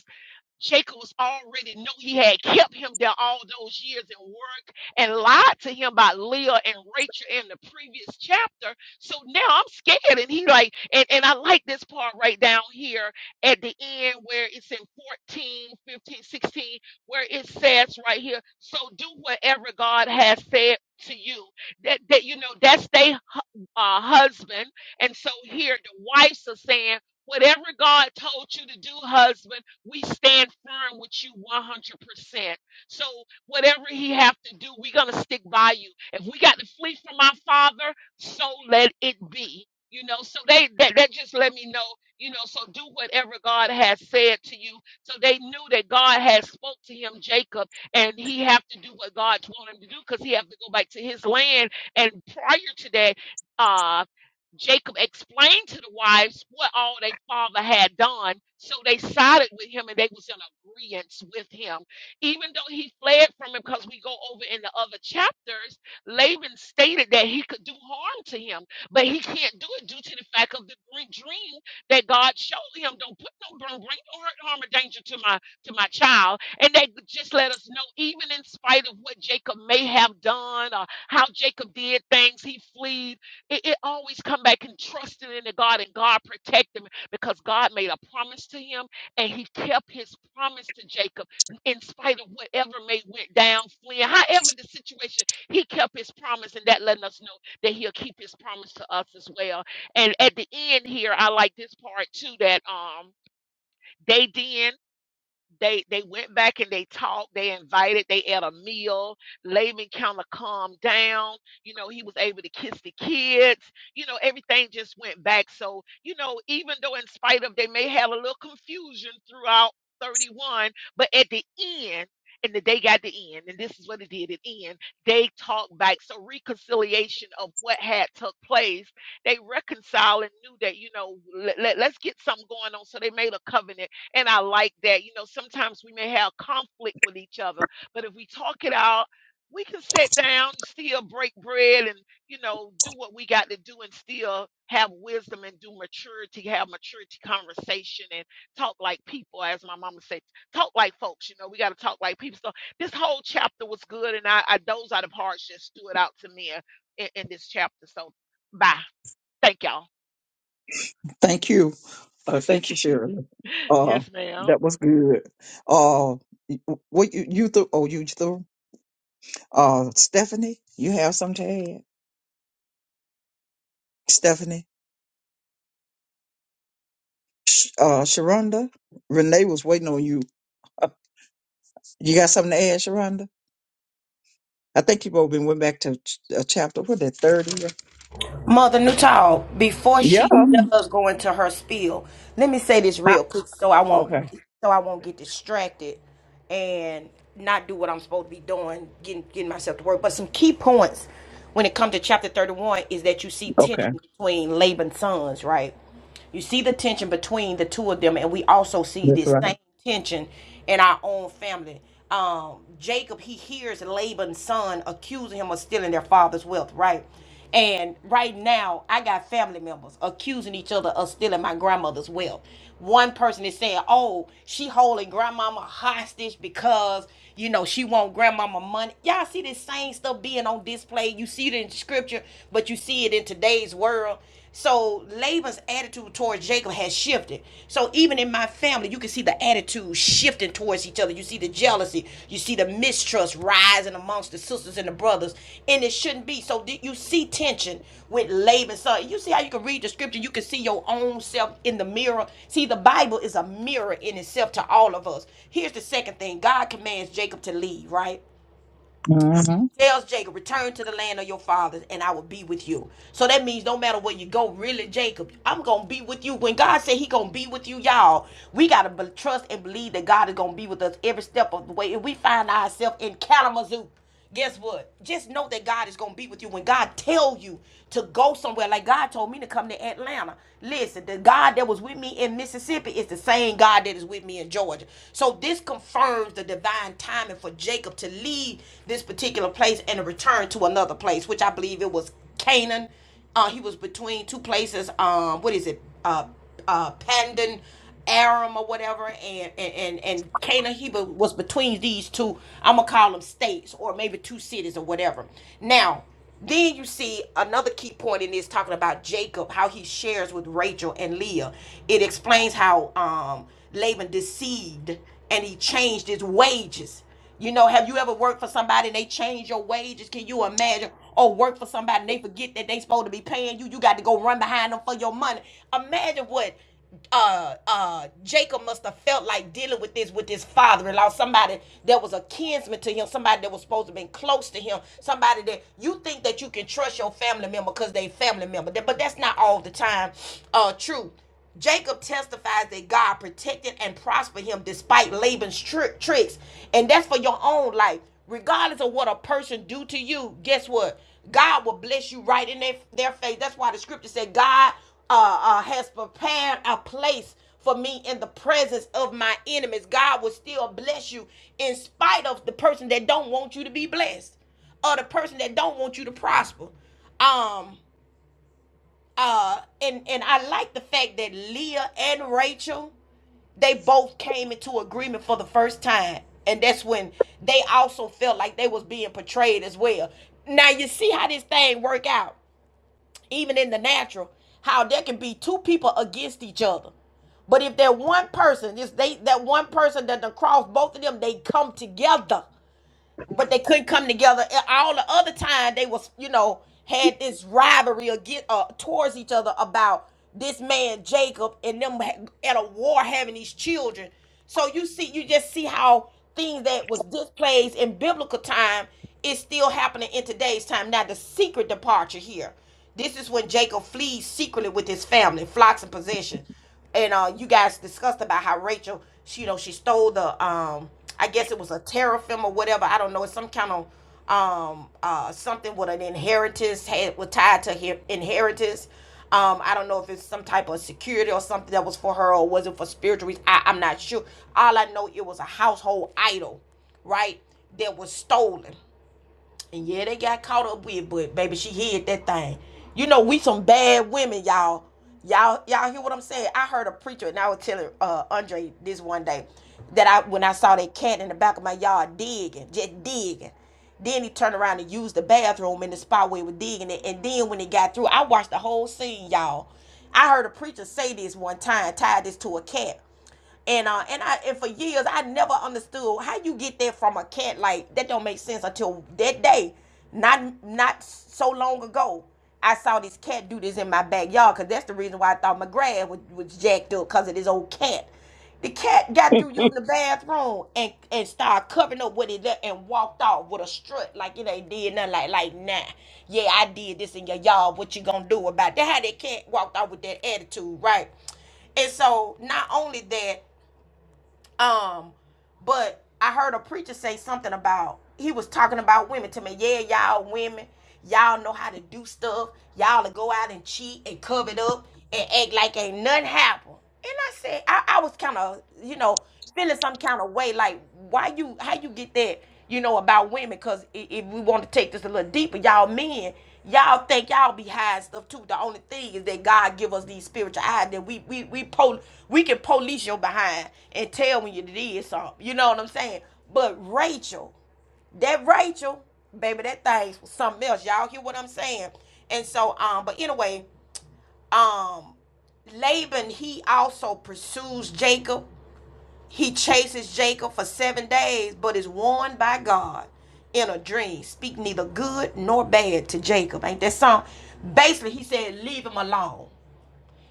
Jacob was already know he had kept him there all those years and worked and lied to him about Leah and Rachel in the previous chapter. So now I'm scared. And he like, and, and I like this part right down here at the end where it's in 14, 15, 16, where it says right here, so do whatever God has said to you. That that you know, that's they uh, husband. And so here the wives are saying, whatever God told you to do, husband, we stand firm with you 100%. So whatever he have to do, we're going to stick by you. If we got to flee from our father, so let it be. You know, so they that, that just let me know, you know, so do whatever God has said to you. So they knew that God had spoke to him, Jacob, and he have to do what God told him to do because he have to go back to his land and prior to that uh, Jacob explained to the wives what all their father had done, so they sided with him and they was in agreement with him. Even though he fled from him, because we go over in the other chapters, Laban stated that he could do harm to him, but he can't do it due to the fact of the dream dream that God showed him. Don't put no do bring no hurt, harm, or danger to my to my child. And they just let us know, even in spite of what Jacob may have done or how Jacob did things, he fled it, it always come back and trusting in the God and God protect him because God made a promise to him and he kept his promise to Jacob in spite of whatever may went down, fleeing, however the situation, he kept his promise and that letting us know that he'll keep his promise to us as well. And at the end here, I like this part too that um they then they they went back and they talked they invited they had a meal laban kind of calmed down you know he was able to kiss the kids you know everything just went back so you know even though in spite of they may have a little confusion throughout 31 but at the end and the day got the end and this is what it did at the end they talked back so reconciliation of what had took place they reconciled and knew that you know let, let, let's get something going on so they made a covenant and I like that. You know, sometimes we may have conflict with each other, but if we talk it out, we can sit down, still break bread, and, you know, do what we got to do and still have wisdom and do maturity, have maturity conversation and talk like people, as my mama said, talk like folks. You know, we got to talk like people. So this whole chapter was good, and I, I those are the parts that stood out to me in, in this chapter. So, bye. Thank y'all.
thank you. Uh, thank you, Shirley. Uh,
yes, ma'am.
that was good. Uh, y- what you you threw? Oh, you threw. Uh, Stephanie, you have something to add? Stephanie, Sh- uh, Sharonda, Renee was waiting on you. Uh, you got something to add, Sharonda? I think you've all been went back to ch- uh, chapter what that thirty. or-
Mother Newtall, before
Yeah.
she
Mhm.
does go into her spiel, let me say this
Ah,
real quick so I won't
Okay.
so I won't get distracted and not do what I'm supposed to be doing, getting getting myself to work. But some key points when it comes to chapter 31 is that you see tension
Okay.
between Laban's sons, right? You see the tension between the two of them, and we also see
That's
this same
right.
tension in our own family. Um, Jacob, he hears Laban's son accusing him of stealing their father's wealth, right? And right now, I got family members accusing each other of stealing my grandmother's wealth. One person is saying, "Oh, she holding grandmama hostage because you know she want grandmama money." Y'all see this same stuff being on display. You see it in scripture, but you see it in today's world. So Laban's attitude towards Jacob has shifted. So even in my family, you can see the attitude shifting towards each other. You see the jealousy, you see the mistrust rising amongst the sisters and the brothers, and it shouldn't be. So you see tension with Laban's son? You see how you can read the scripture, you can see your own self in the mirror. See, the Bible is a mirror in itself to all of us. Here's the second thing: God commands Jacob to leave, right?
hmm
tells Jacob, return to the land of your fathers and I will be with you. So that means no matter where you go, really, Jacob, I'm going to be with you. When God said he going to be with you, y'all, we got to trust and believe that God is going to be with us every step of the way. If we find ourselves in Kalamazoo, guess what? Just know that God is going to be with you. When God tell you to go somewhere, like God told me to come to Atlanta. Listen, the God that was with me in Mississippi is the same God that is with me in Georgia. So this confirms the divine divine timing for Jacob to leave this particular place and return to another place, which I believe it was Canaan. Uh, he was between two places. Um, what is it? Uh, uh, Pandan, Aram, or whatever, and and and, and Canaan. He was between these two. I'm gonna call them states, or maybe two cities, or whatever. Now then you see another key point in this talking about Jacob, how he shares with Rachel and Leah. It explains how um, Laban deceived and he changed his wages. You know, have you ever worked for somebody and they change your wages? Can you imagine? Or work for somebody and they forget that they supposed to be paying you. You got to go run behind them for your money. Imagine what uh uh Jacob must have felt like dealing with this with his father-in-law, somebody that was a kinsman to him, somebody that was supposed to be close to him, somebody that you think that you can trust your family member because they family member. But that's not all the time uh true. Jacob testifies that God protected and prospered him despite Laban's tri- tricks. And that's for your own life. Regardless of what a person do to you, guess what? God will bless you right in their, their face. That's why the scripture said God uh, uh, has prepared a place for me in the presence of my enemies. God will still bless you in spite of the person that don't want you to be blessed or the person that don't want you to prosper. Um, uh, and and I like the fact that Leah and Rachel they both came into agreement for the first time and that's when they also felt like they was being portrayed as well now you see how this thing work out even in the natural, how there can be two people against each other. But if that one person, is they that one person that the cross both of them, they come together but they couldn't come together. All the other time they was, you know, had this rivalry against, uh, towards each other about this man Jacob and them ha- at a war having these children. So you see, you just see how things that was displaced in biblical time is still happening in today's time. Now the secret departure here. This is when Jacob flees secretly with his family, flocks and possession and uh, you guys discussed about how Rachel, she, you know, she stole the, um, I guess it was a teraphim or whatever. I don't know. It's some kind of um, uh, something with an inheritance had was tied to inheritance. Um, I don't know if it's some type of security or something that was for her or was it for spiritual reasons. I, I'm not sure. All I know, it was a household idol, right? That was stolen and yeah, they got caught up with, but baby, she hid that thing. You know, we some bad women, y'all. Y'all, y'all hear what I'm saying? I heard a preacher, and I was telling uh, Andre this one day that I when I saw that cat in the back of my yard digging, just digging. Then he turned around and used the bathroom in the spot where he was digging it. And then when it got through, I watched the whole scene, y'all. I heard a preacher say this one time, tied this to a cat. And uh, and I and for years I never understood how you get that from a cat. Like that don't make sense until that day. Not not so long ago, I saw this cat do this in my backyard. Cause that's the reason why I thought my grass was, was jacked up. Cause of this old cat. The cat got through using the bathroom and and started covering up what it done and walked off with a strut like it ain't did nothing. Like like nah, yeah I did this and yeah y'all what you gonna do about it? that? How that cat walked off with that attitude, right? And so not only that. Um, but I heard a preacher say something about he was talking about women to me. Yeah, y'all women, y'all know how to do stuff. Y'all to go out and cheat and cover it up and act like ain't nothing happened. And I said, I, I was kind of, you know, feeling some kind of way like why you how you get that you know about women because if we want to take this a little deeper y'all men y'all think y'all be high and stuff too the only thing is that god give us these spiritual eyes that we we we pol- we can police your behind and tell when you did something you know what i'm saying but rachel that Rachel, baby, that thing was something else. Y'all hear what I'm saying? And so, um, but anyway, um, Laban he also pursues Jacob, he chases Jacob for seven days, but is warned by God in a dream. Speak neither good nor bad to Jacob. Ain't that song? Basically, he said, leave him alone.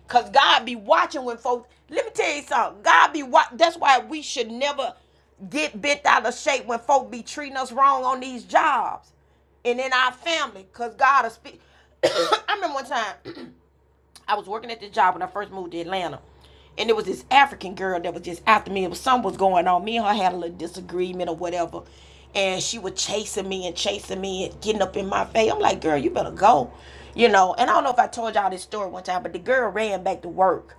Because God be watching when folks, let me tell you something. God be watching. That's why we should never get bent out of shape when folk be treating us wrong on these jobs and in our family. Because God will speak. I remember one time. I was working at this job when I first moved to Atlanta. And there was this African girl that was just after me. It was something was going on. Me and her had a little disagreement or whatever. And she was chasing me and chasing me and getting up in my face. I'm like, girl, you better go. You know, and I don't know if I told y'all this story one time, but the girl ran back to work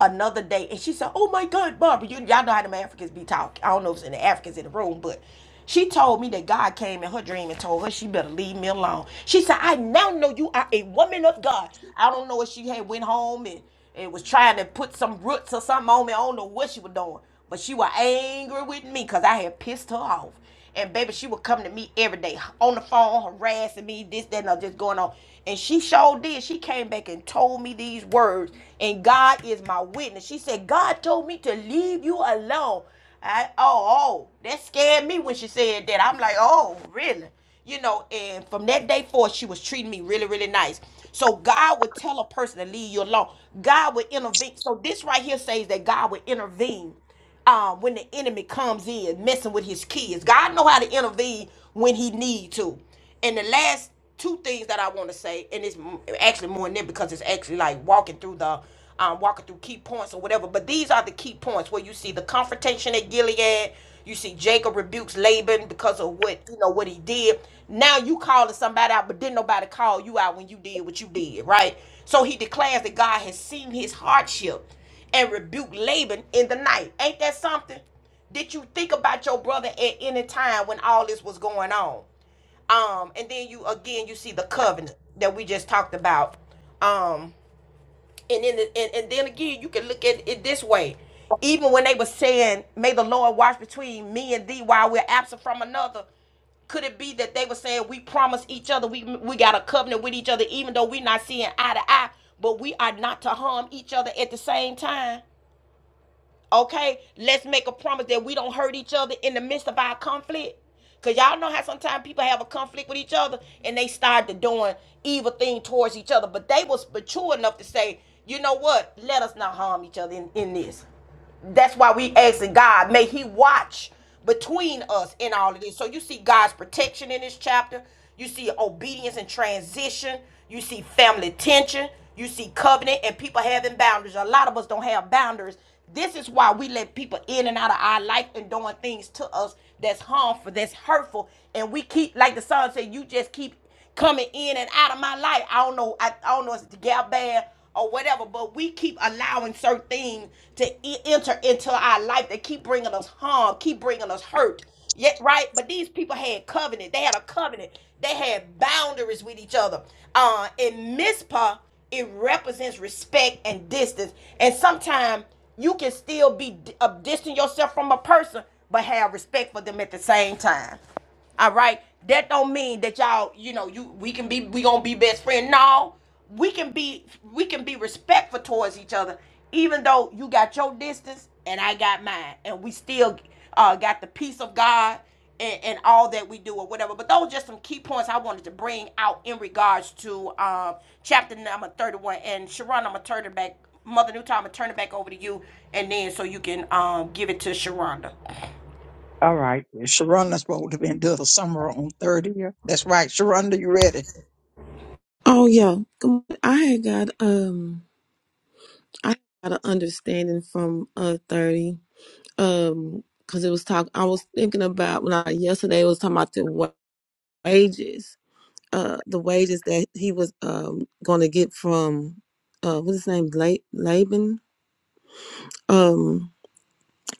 another day and she said, Oh my God, Barbara, you, y'all know how them Africans be talking. I don't know if it's any Africans in the room, but she told me that God came in her dream and told her she better leave me alone. She said, I now know you are a woman of God. I don't know if she had went home and, and was trying to put some roots or something on me. I don't know what she was doing. But she was angry with me because I had pissed her off. And baby, she would come to me every day on the phone, harassing me, this, that, and other, just going on. And she sure did. She came back and told me these words. And God is my witness. She said, God told me to leave you alone. I oh, oh, that scared me when she said that. I'm like, oh, really? You know, and from that day forth, she was treating me really, really nice. So God would tell a person to leave you alone. God would intervene. So this right here says that God would intervene uh, when the enemy comes in messing with his kids. God know how to intervene when he need to. And the last two things that I want to say, and it's m- actually more than that because it's actually like walking through the um, walking through key points or whatever. But these are the key points where you see the confrontation at Gilead. You see Jacob rebukes Laban because of what you know what he did. Now you calling somebody out, but didn't nobody call you out when you did what you did, right? So he declares that God has seen his hardship and rebuke Laban in the night. Ain't that something? Did you think about your brother at any time when all this was going on? Um, and then you again you see the covenant that we just talked about. Um, and then and, and then again you can look at it this way. Even when they were saying, May the Lord watch between me and thee while we're absent from another, could it be that they were saying we promise each other we we got a covenant with each other even though we're not seeing eye to eye, but we are not to harm each other at the same time? Okay, let's make a promise that we don't hurt each other in the midst of our conflict. Cause y'all know how sometimes people have a conflict with each other and they start to doing evil thing towards each other. But they was mature enough to say, you know what? Let us not harm each other in, in this that's why we asking God, may He watch between us in all of this. So you see God's protection in this chapter. You see obedience and transition. You see family tension. You see covenant and people having boundaries. A lot of us don't have boundaries. This is why we let people in and out of our life and doing things to us that's harmful, that's hurtful. And we keep, like the song said, you just keep coming in and out of my life. I don't know. I, I don't know if it's the gap band or whatever, but we keep allowing certain things to e- enter into our life that keep bringing us harm, keep bringing us hurt. Yet, right? But these people had covenant. They had a covenant. They had boundaries with each other. Uh, in Mizpah, it represents respect and distance. And sometimes you can still be d- uh, distant yourself from a person, but have respect for them at the same time. All right. That don't mean that y'all, you know, you we can be we gonna be best friend. No, we can be we can be respectful towards each other, even though you got your distance and I got mine, and we still uh, got the peace of God and, and all that we do or whatever. But those are just some key points I wanted to bring out in regards to um, chapter number thirty-one. And Sharon, I'm gonna turn it back, Mother New Time, I'm gonna turn it back over to you, and then so you can um, give it to Sharonda.
all right. Sharonda's supposed to been doing the summer on thirty. That's right. Sharonda, you ready?
Oh yeah, Good mo- I had got um I got an understanding from uh thirty um because it was talk I was thinking about when I yesterday it was talking about the wa- wages uh the wages that he was um going to get from uh what's his name La- Laban um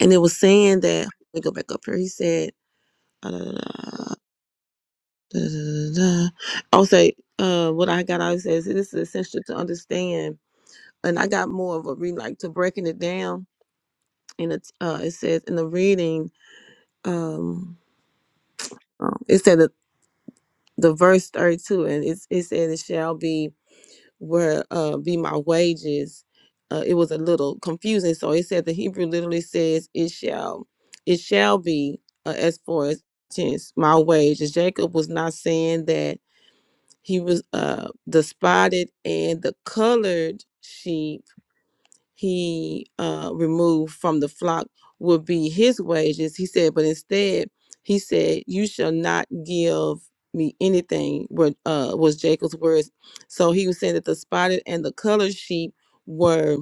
and it was saying that let me go back up here he said uh, da, da, da, da, da, da. I'll say uh what I got I says this is essential to understand and I got more of a read like to breaking it down. And it uh, it says in the reading, um, um, it said the, the verse thirty two, and it it said it shall be where uh be my wages. Uh, it was a little confusing, so it said the Hebrew literally says it shall, it shall be uh, as far as tense my wages. Jacob was not saying that he was uh the spotted and the colored sheep he uh, removed from the flock would be his wages. He said, but instead, he said, "You shall not give me anything." Were uh, was Jacob's words. So he was saying that the spotted and the colored sheep were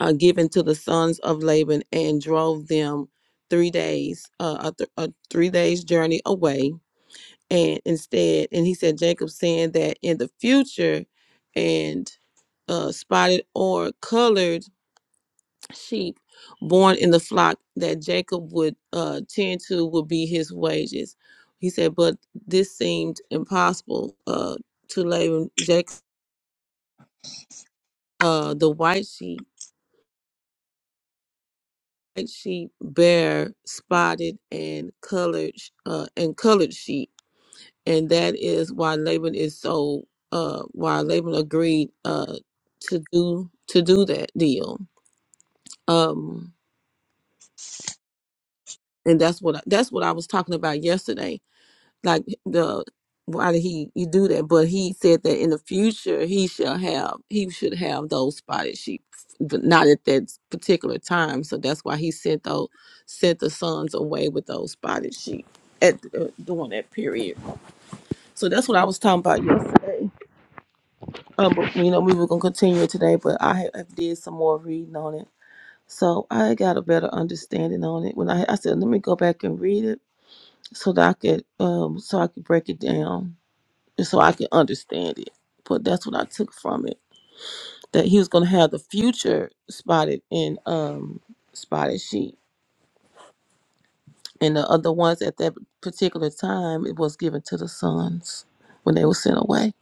uh, given to the sons of Laban and drove them three days, uh, a, th- a three days journey away. And instead, and he said, Jacob saying that in the future, and uh, spotted or colored sheep born in the flock that Jacob would uh, tend to would be his wages. He said, but this seemed impossible uh, to Laban. Jacob, uh, the white sheep, white sheep bear spotted and colored sh- uh, and colored sheep, and that is why Laban is so uh, why Laban agreed uh, to do to do that deal. Um, and that's what I, that's what I was talking about yesterday like the why did he you do that? But he said that in the future he shall have he should have those spotted sheep, but not at that particular time. So that's why he sent those sent the sons away with those spotted sheep at uh, during that period. So that's what I was talking about yesterday. Um, but, you know we were gonna continue it today, but I have, have did some more reading on it. So I got a better understanding on it when I I said let me go back and read it so that I could um so I could break it down and so I can understand it. But that's what I took from it that he was going to have the future spotted in um spotted sheep, and the other ones at that particular time it was given to the sons when they were sent away,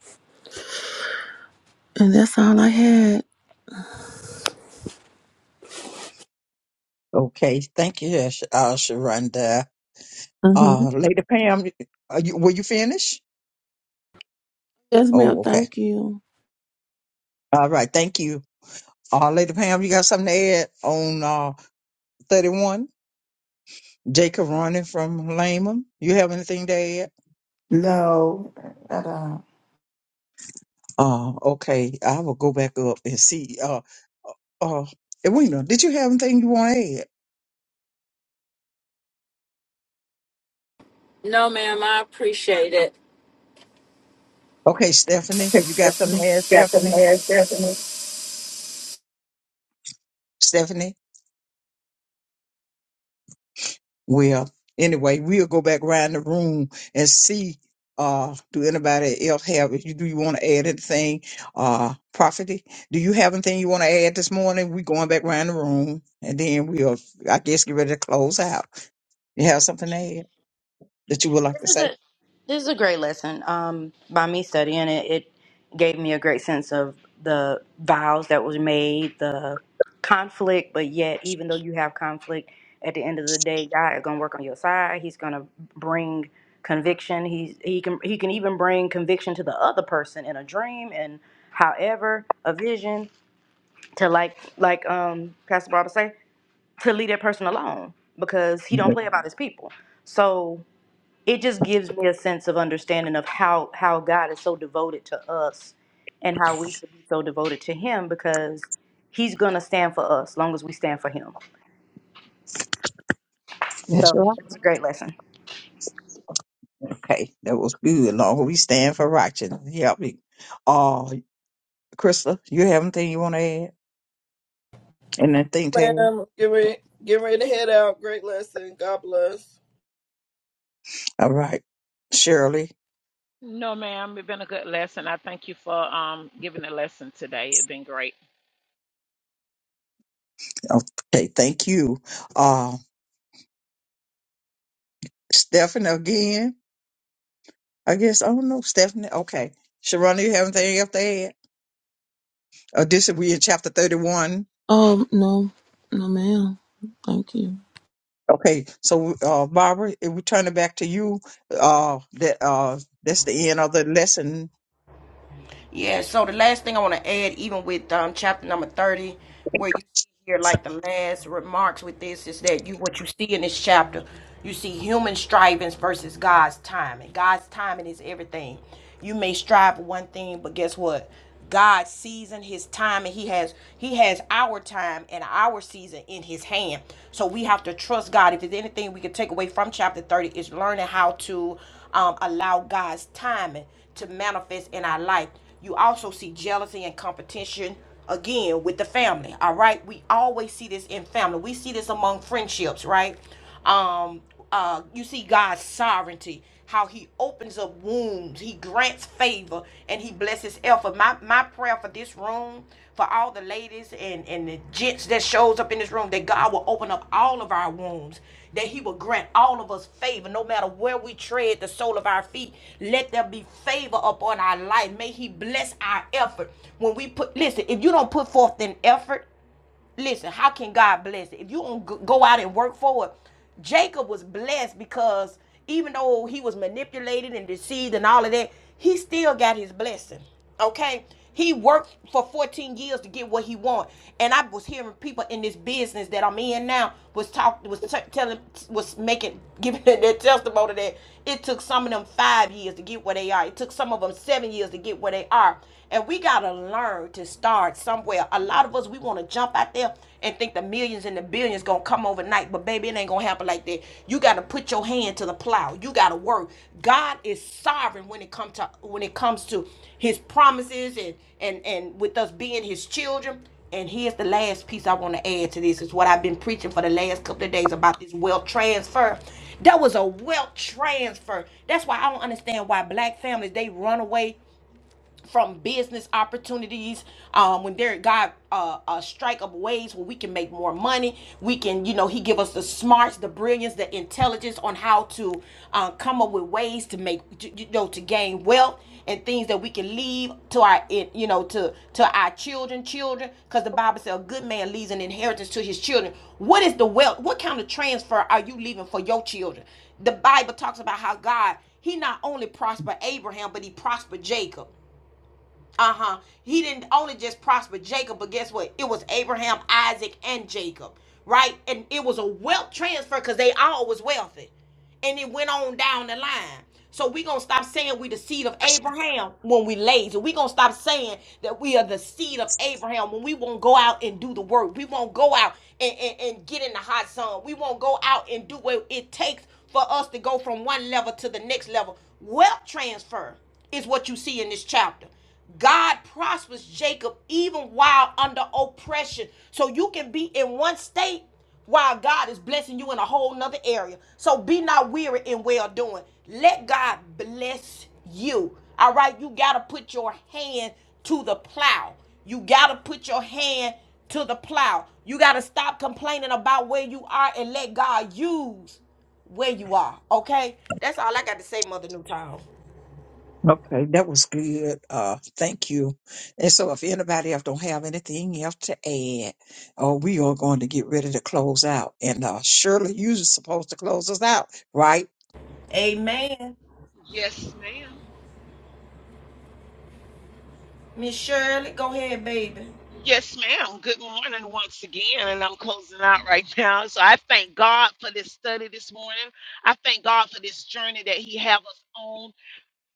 and that's all I had.
Okay, thank you, uh, Sh- uh, Sharonda.
hmm
Uh, Lady Pam, are you, were you finished?
Yes, ma'am.
Oh, okay.
Thank you.
All right, thank you. Uh, Lady Pam, you got something to add on uh, 31? Jacob running from Laman. You have anything to add?
No, at do
Uh, okay, I will go back up and see. Uh, uh, Edwina, did you have anything you want to add?
No, ma'am, I appreciate it.
Okay, Stephanie, you got something to add, Stephanie?
Stephanie, Stephanie,
Stephanie? Well, anyway, we'll go back around the room and see. Uh, do anybody else have? If you do, you want to add anything? Uh, property. Do you have anything you want to add this morning? We going back around the room, and then we'll, I guess, get ready to close out. You have something to add that you would like
This
to
is a
say?
this is a great lesson. Um, by me studying it, it gave me a great sense of the vows that was made, the conflict. But yet, even though you have conflict, at the end of the day, God is gonna work on your side. He's gonna bring conviction. He's he can he can even bring conviction to the other person in a dream and however a vision to like like um Pastor Barbara say to leave that person alone because he don't play about his people. So it just gives me a sense of understanding of how how God is so devoted to us and how we should be so devoted to him because he's going to stand for us long as we stand for him.
That's
So
right.
it's a great lesson.
Okay, that was good. Long as we stand for righteousness. Help me. Uh, Krista, you have anything you want to add? And then think, Ted.
Ma'am, get ready, get ready to head out. Great lesson. God bless.
All right, Shirley.
No, ma'am. It's been a good lesson. I thank you for um giving the lesson today. It's been great.
Okay, thank you. Uh, Stephanie again. I guess I don't know Stephanie. Okay, Sharonda, you have anything else to add? Uh, this is we in chapter thirty-one.
Um, no, no, ma'am. Thank you.
Okay, so uh, Barbara, if we turn it back to you, uh, that uh, that's the end of the lesson.
Yeah, so the last thing I want to add, even with um, chapter number 30, where you hear like the last remarks with this, is that you what you see in this chapter, you see human strivings versus God's timing. God's timing is everything. You may strive for one thing, but guess what? God's season his time and he has he has our time and our season in his hand. So we have to trust God. If there's anything we can take away from chapter 30 is learning how to um, allow God's timing to manifest in our life. You also see jealousy and competition again with the family. All right. We always see this in family. We see this among friendships, right? Um, uh, you see God's sovereignty, how He opens up wombs, He grants favor, and He blesses effort. My my prayer for this room, for all the ladies and and the gents that shows up in this room, that God will open up all of our wombs, that he will grant all of us favor no matter where we tread the sole of our feet let there be favor upon our life may he bless our effort when we put listen if you don't put forth an effort Listen, how can God bless it? If you don't go out and work for it, Jacob was blessed because even though he was manipulated and deceived and all of that, he still got his blessing. Okay? He worked for 14 years to get what he wanted. And I was hearing people in this business that I'm in now was talk was t- telling was making giving their testimony that it took some of them 5 years to get where they are. It took some of them 7 years to get where they are. And we got to learn to start somewhere. A lot of us, we want to jump out there and think the millions and the billions going to come overnight. But baby, it ain't going to happen like that. You got to put your hand to the plow. You got to work. God is sovereign when it comes to when it comes to his promises and and and with us being his children. And here's the last piece I want to add to this. It's what I've been preaching for the last couple of days about this wealth transfer. That was a wealth transfer. That's why I don't understand why black families they run away from business opportunities um, when there god uh, uh strike up ways where we can make more money we can you know he give us the smarts the brilliance the intelligence on how to uh, come up with ways to make you know to gain wealth and things that we can leave to our you know to to our children children because the bible says a good man leaves an inheritance to his children what is the wealth what kind of transfer are you leaving for your children the bible talks about how god he not only prospered abraham but he prospered jacob uh-huh. He didn't only just prosper Jacob, but guess what? It was Abraham, Isaac, and Jacob, right? And it was a wealth transfer because they all was wealthy. And it went on down the line. So we gonna stop saying we the seed of Abraham when we lazy. We gonna stop saying that we are the seed of Abraham when we won't go out and do the work. We won't go out and, and, and get in the hot sun. We won't go out and do what it takes for us to go from one level to the next level. Wealth transfer is what you see in this chapter. God prospers Jacob even while under oppression. So you can be in one state while God is blessing you in a whole nother area. So be not weary in well doing. Let God bless you. All right, you got to put your hand to the plow. You got to put your hand to the plow. You got to stop complaining about where you are and let God use where you are. Okay? That's all I got to say, Mother Newtown.
Okay, that was good. Uh, thank you. And so, if anybody else don't have anything else to add, uh, we are going to get ready to close out. And uh, Shirley, you're supposed to close us out, right?
Amen.
Yes, ma'am.
Miss Shirley, go ahead, baby.
Yes, ma'am. Good morning once again. And I'm closing out right now. So I thank God for this study this morning. I thank God for this journey that He have us on.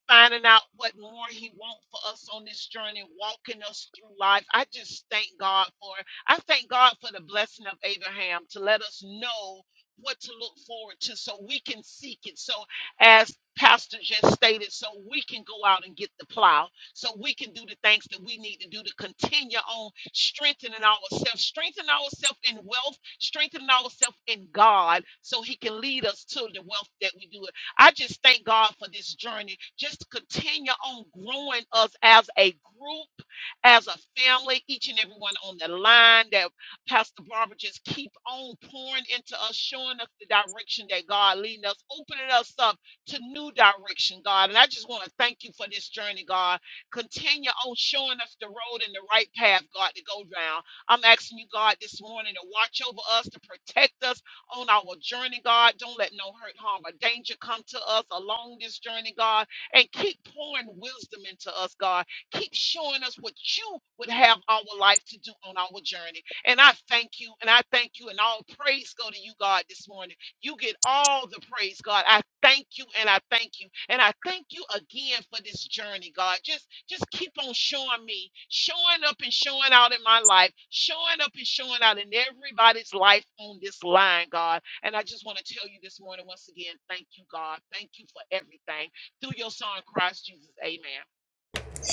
finding out what more he wants for us on this journey, walking us through life. I just thank God for it. I thank God for the blessing of Abraham to let us know what to look forward to so we can seek it. So as Pastor just stated, so we can go out and get the plow, so we can do the things that we need to do to continue on strengthening ourselves, strengthening ourselves in wealth, strengthening ourselves in God, so He can lead us to the wealth that we do. I just thank God for this journey. Just to continue on growing us as a group, as a family, each and everyone on the line that Pastor Barbara just keep on pouring into us, showing us the direction that God leading us, opening us up to new direction, God. And I just want to thank you for this journey, God. Continue on showing us the road and the right path, God, to go down. I'm asking you, God, this morning to watch over us, to protect us, on our journey, God. Don't let no hurt, harm, or danger come to us along this journey, God. And keep pouring wisdom into us, God. Keep showing us what you would have our life to do on our journey. And I thank you, and I thank you, and all praise go to you, God, this morning. You get all the praise, God. I thank you and I thank you. And I thank you again for this journey, God. Just just keep on showing me, showing up and showing out in my life, showing up and showing out in everybody's life on this line, God. And I just want to tell you this morning once again, thank you, God. Thank you for everything. Through your son Christ Jesus. Amen.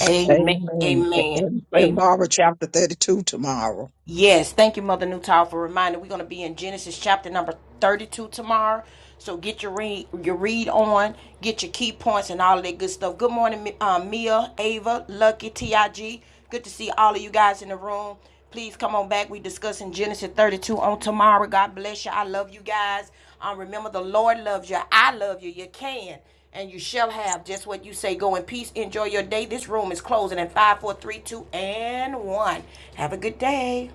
Amen.
Amen.
Amen.
And, and
Amen.
Barbara, chapter thirty-two tomorrow.
Yes. Thank you, Mother Newtile, for reminding. We're going to be in Genesis chapter number 32 tomorrow. So get your read, your read on, get your key points and all of that good stuff. Good morning, Mi- uh, Mia, Ava, Lucky, T.I.G. Good to see all of you guys in the room. Please come on back. We discussing Genesis 32 on tomorrow. God bless you. I love you guys. Um, remember, the Lord loves you. I love you. You can. and you shall have just what you say. Go in peace. Enjoy your day. This room is closing in five, four, three, two, and one. Have a good day.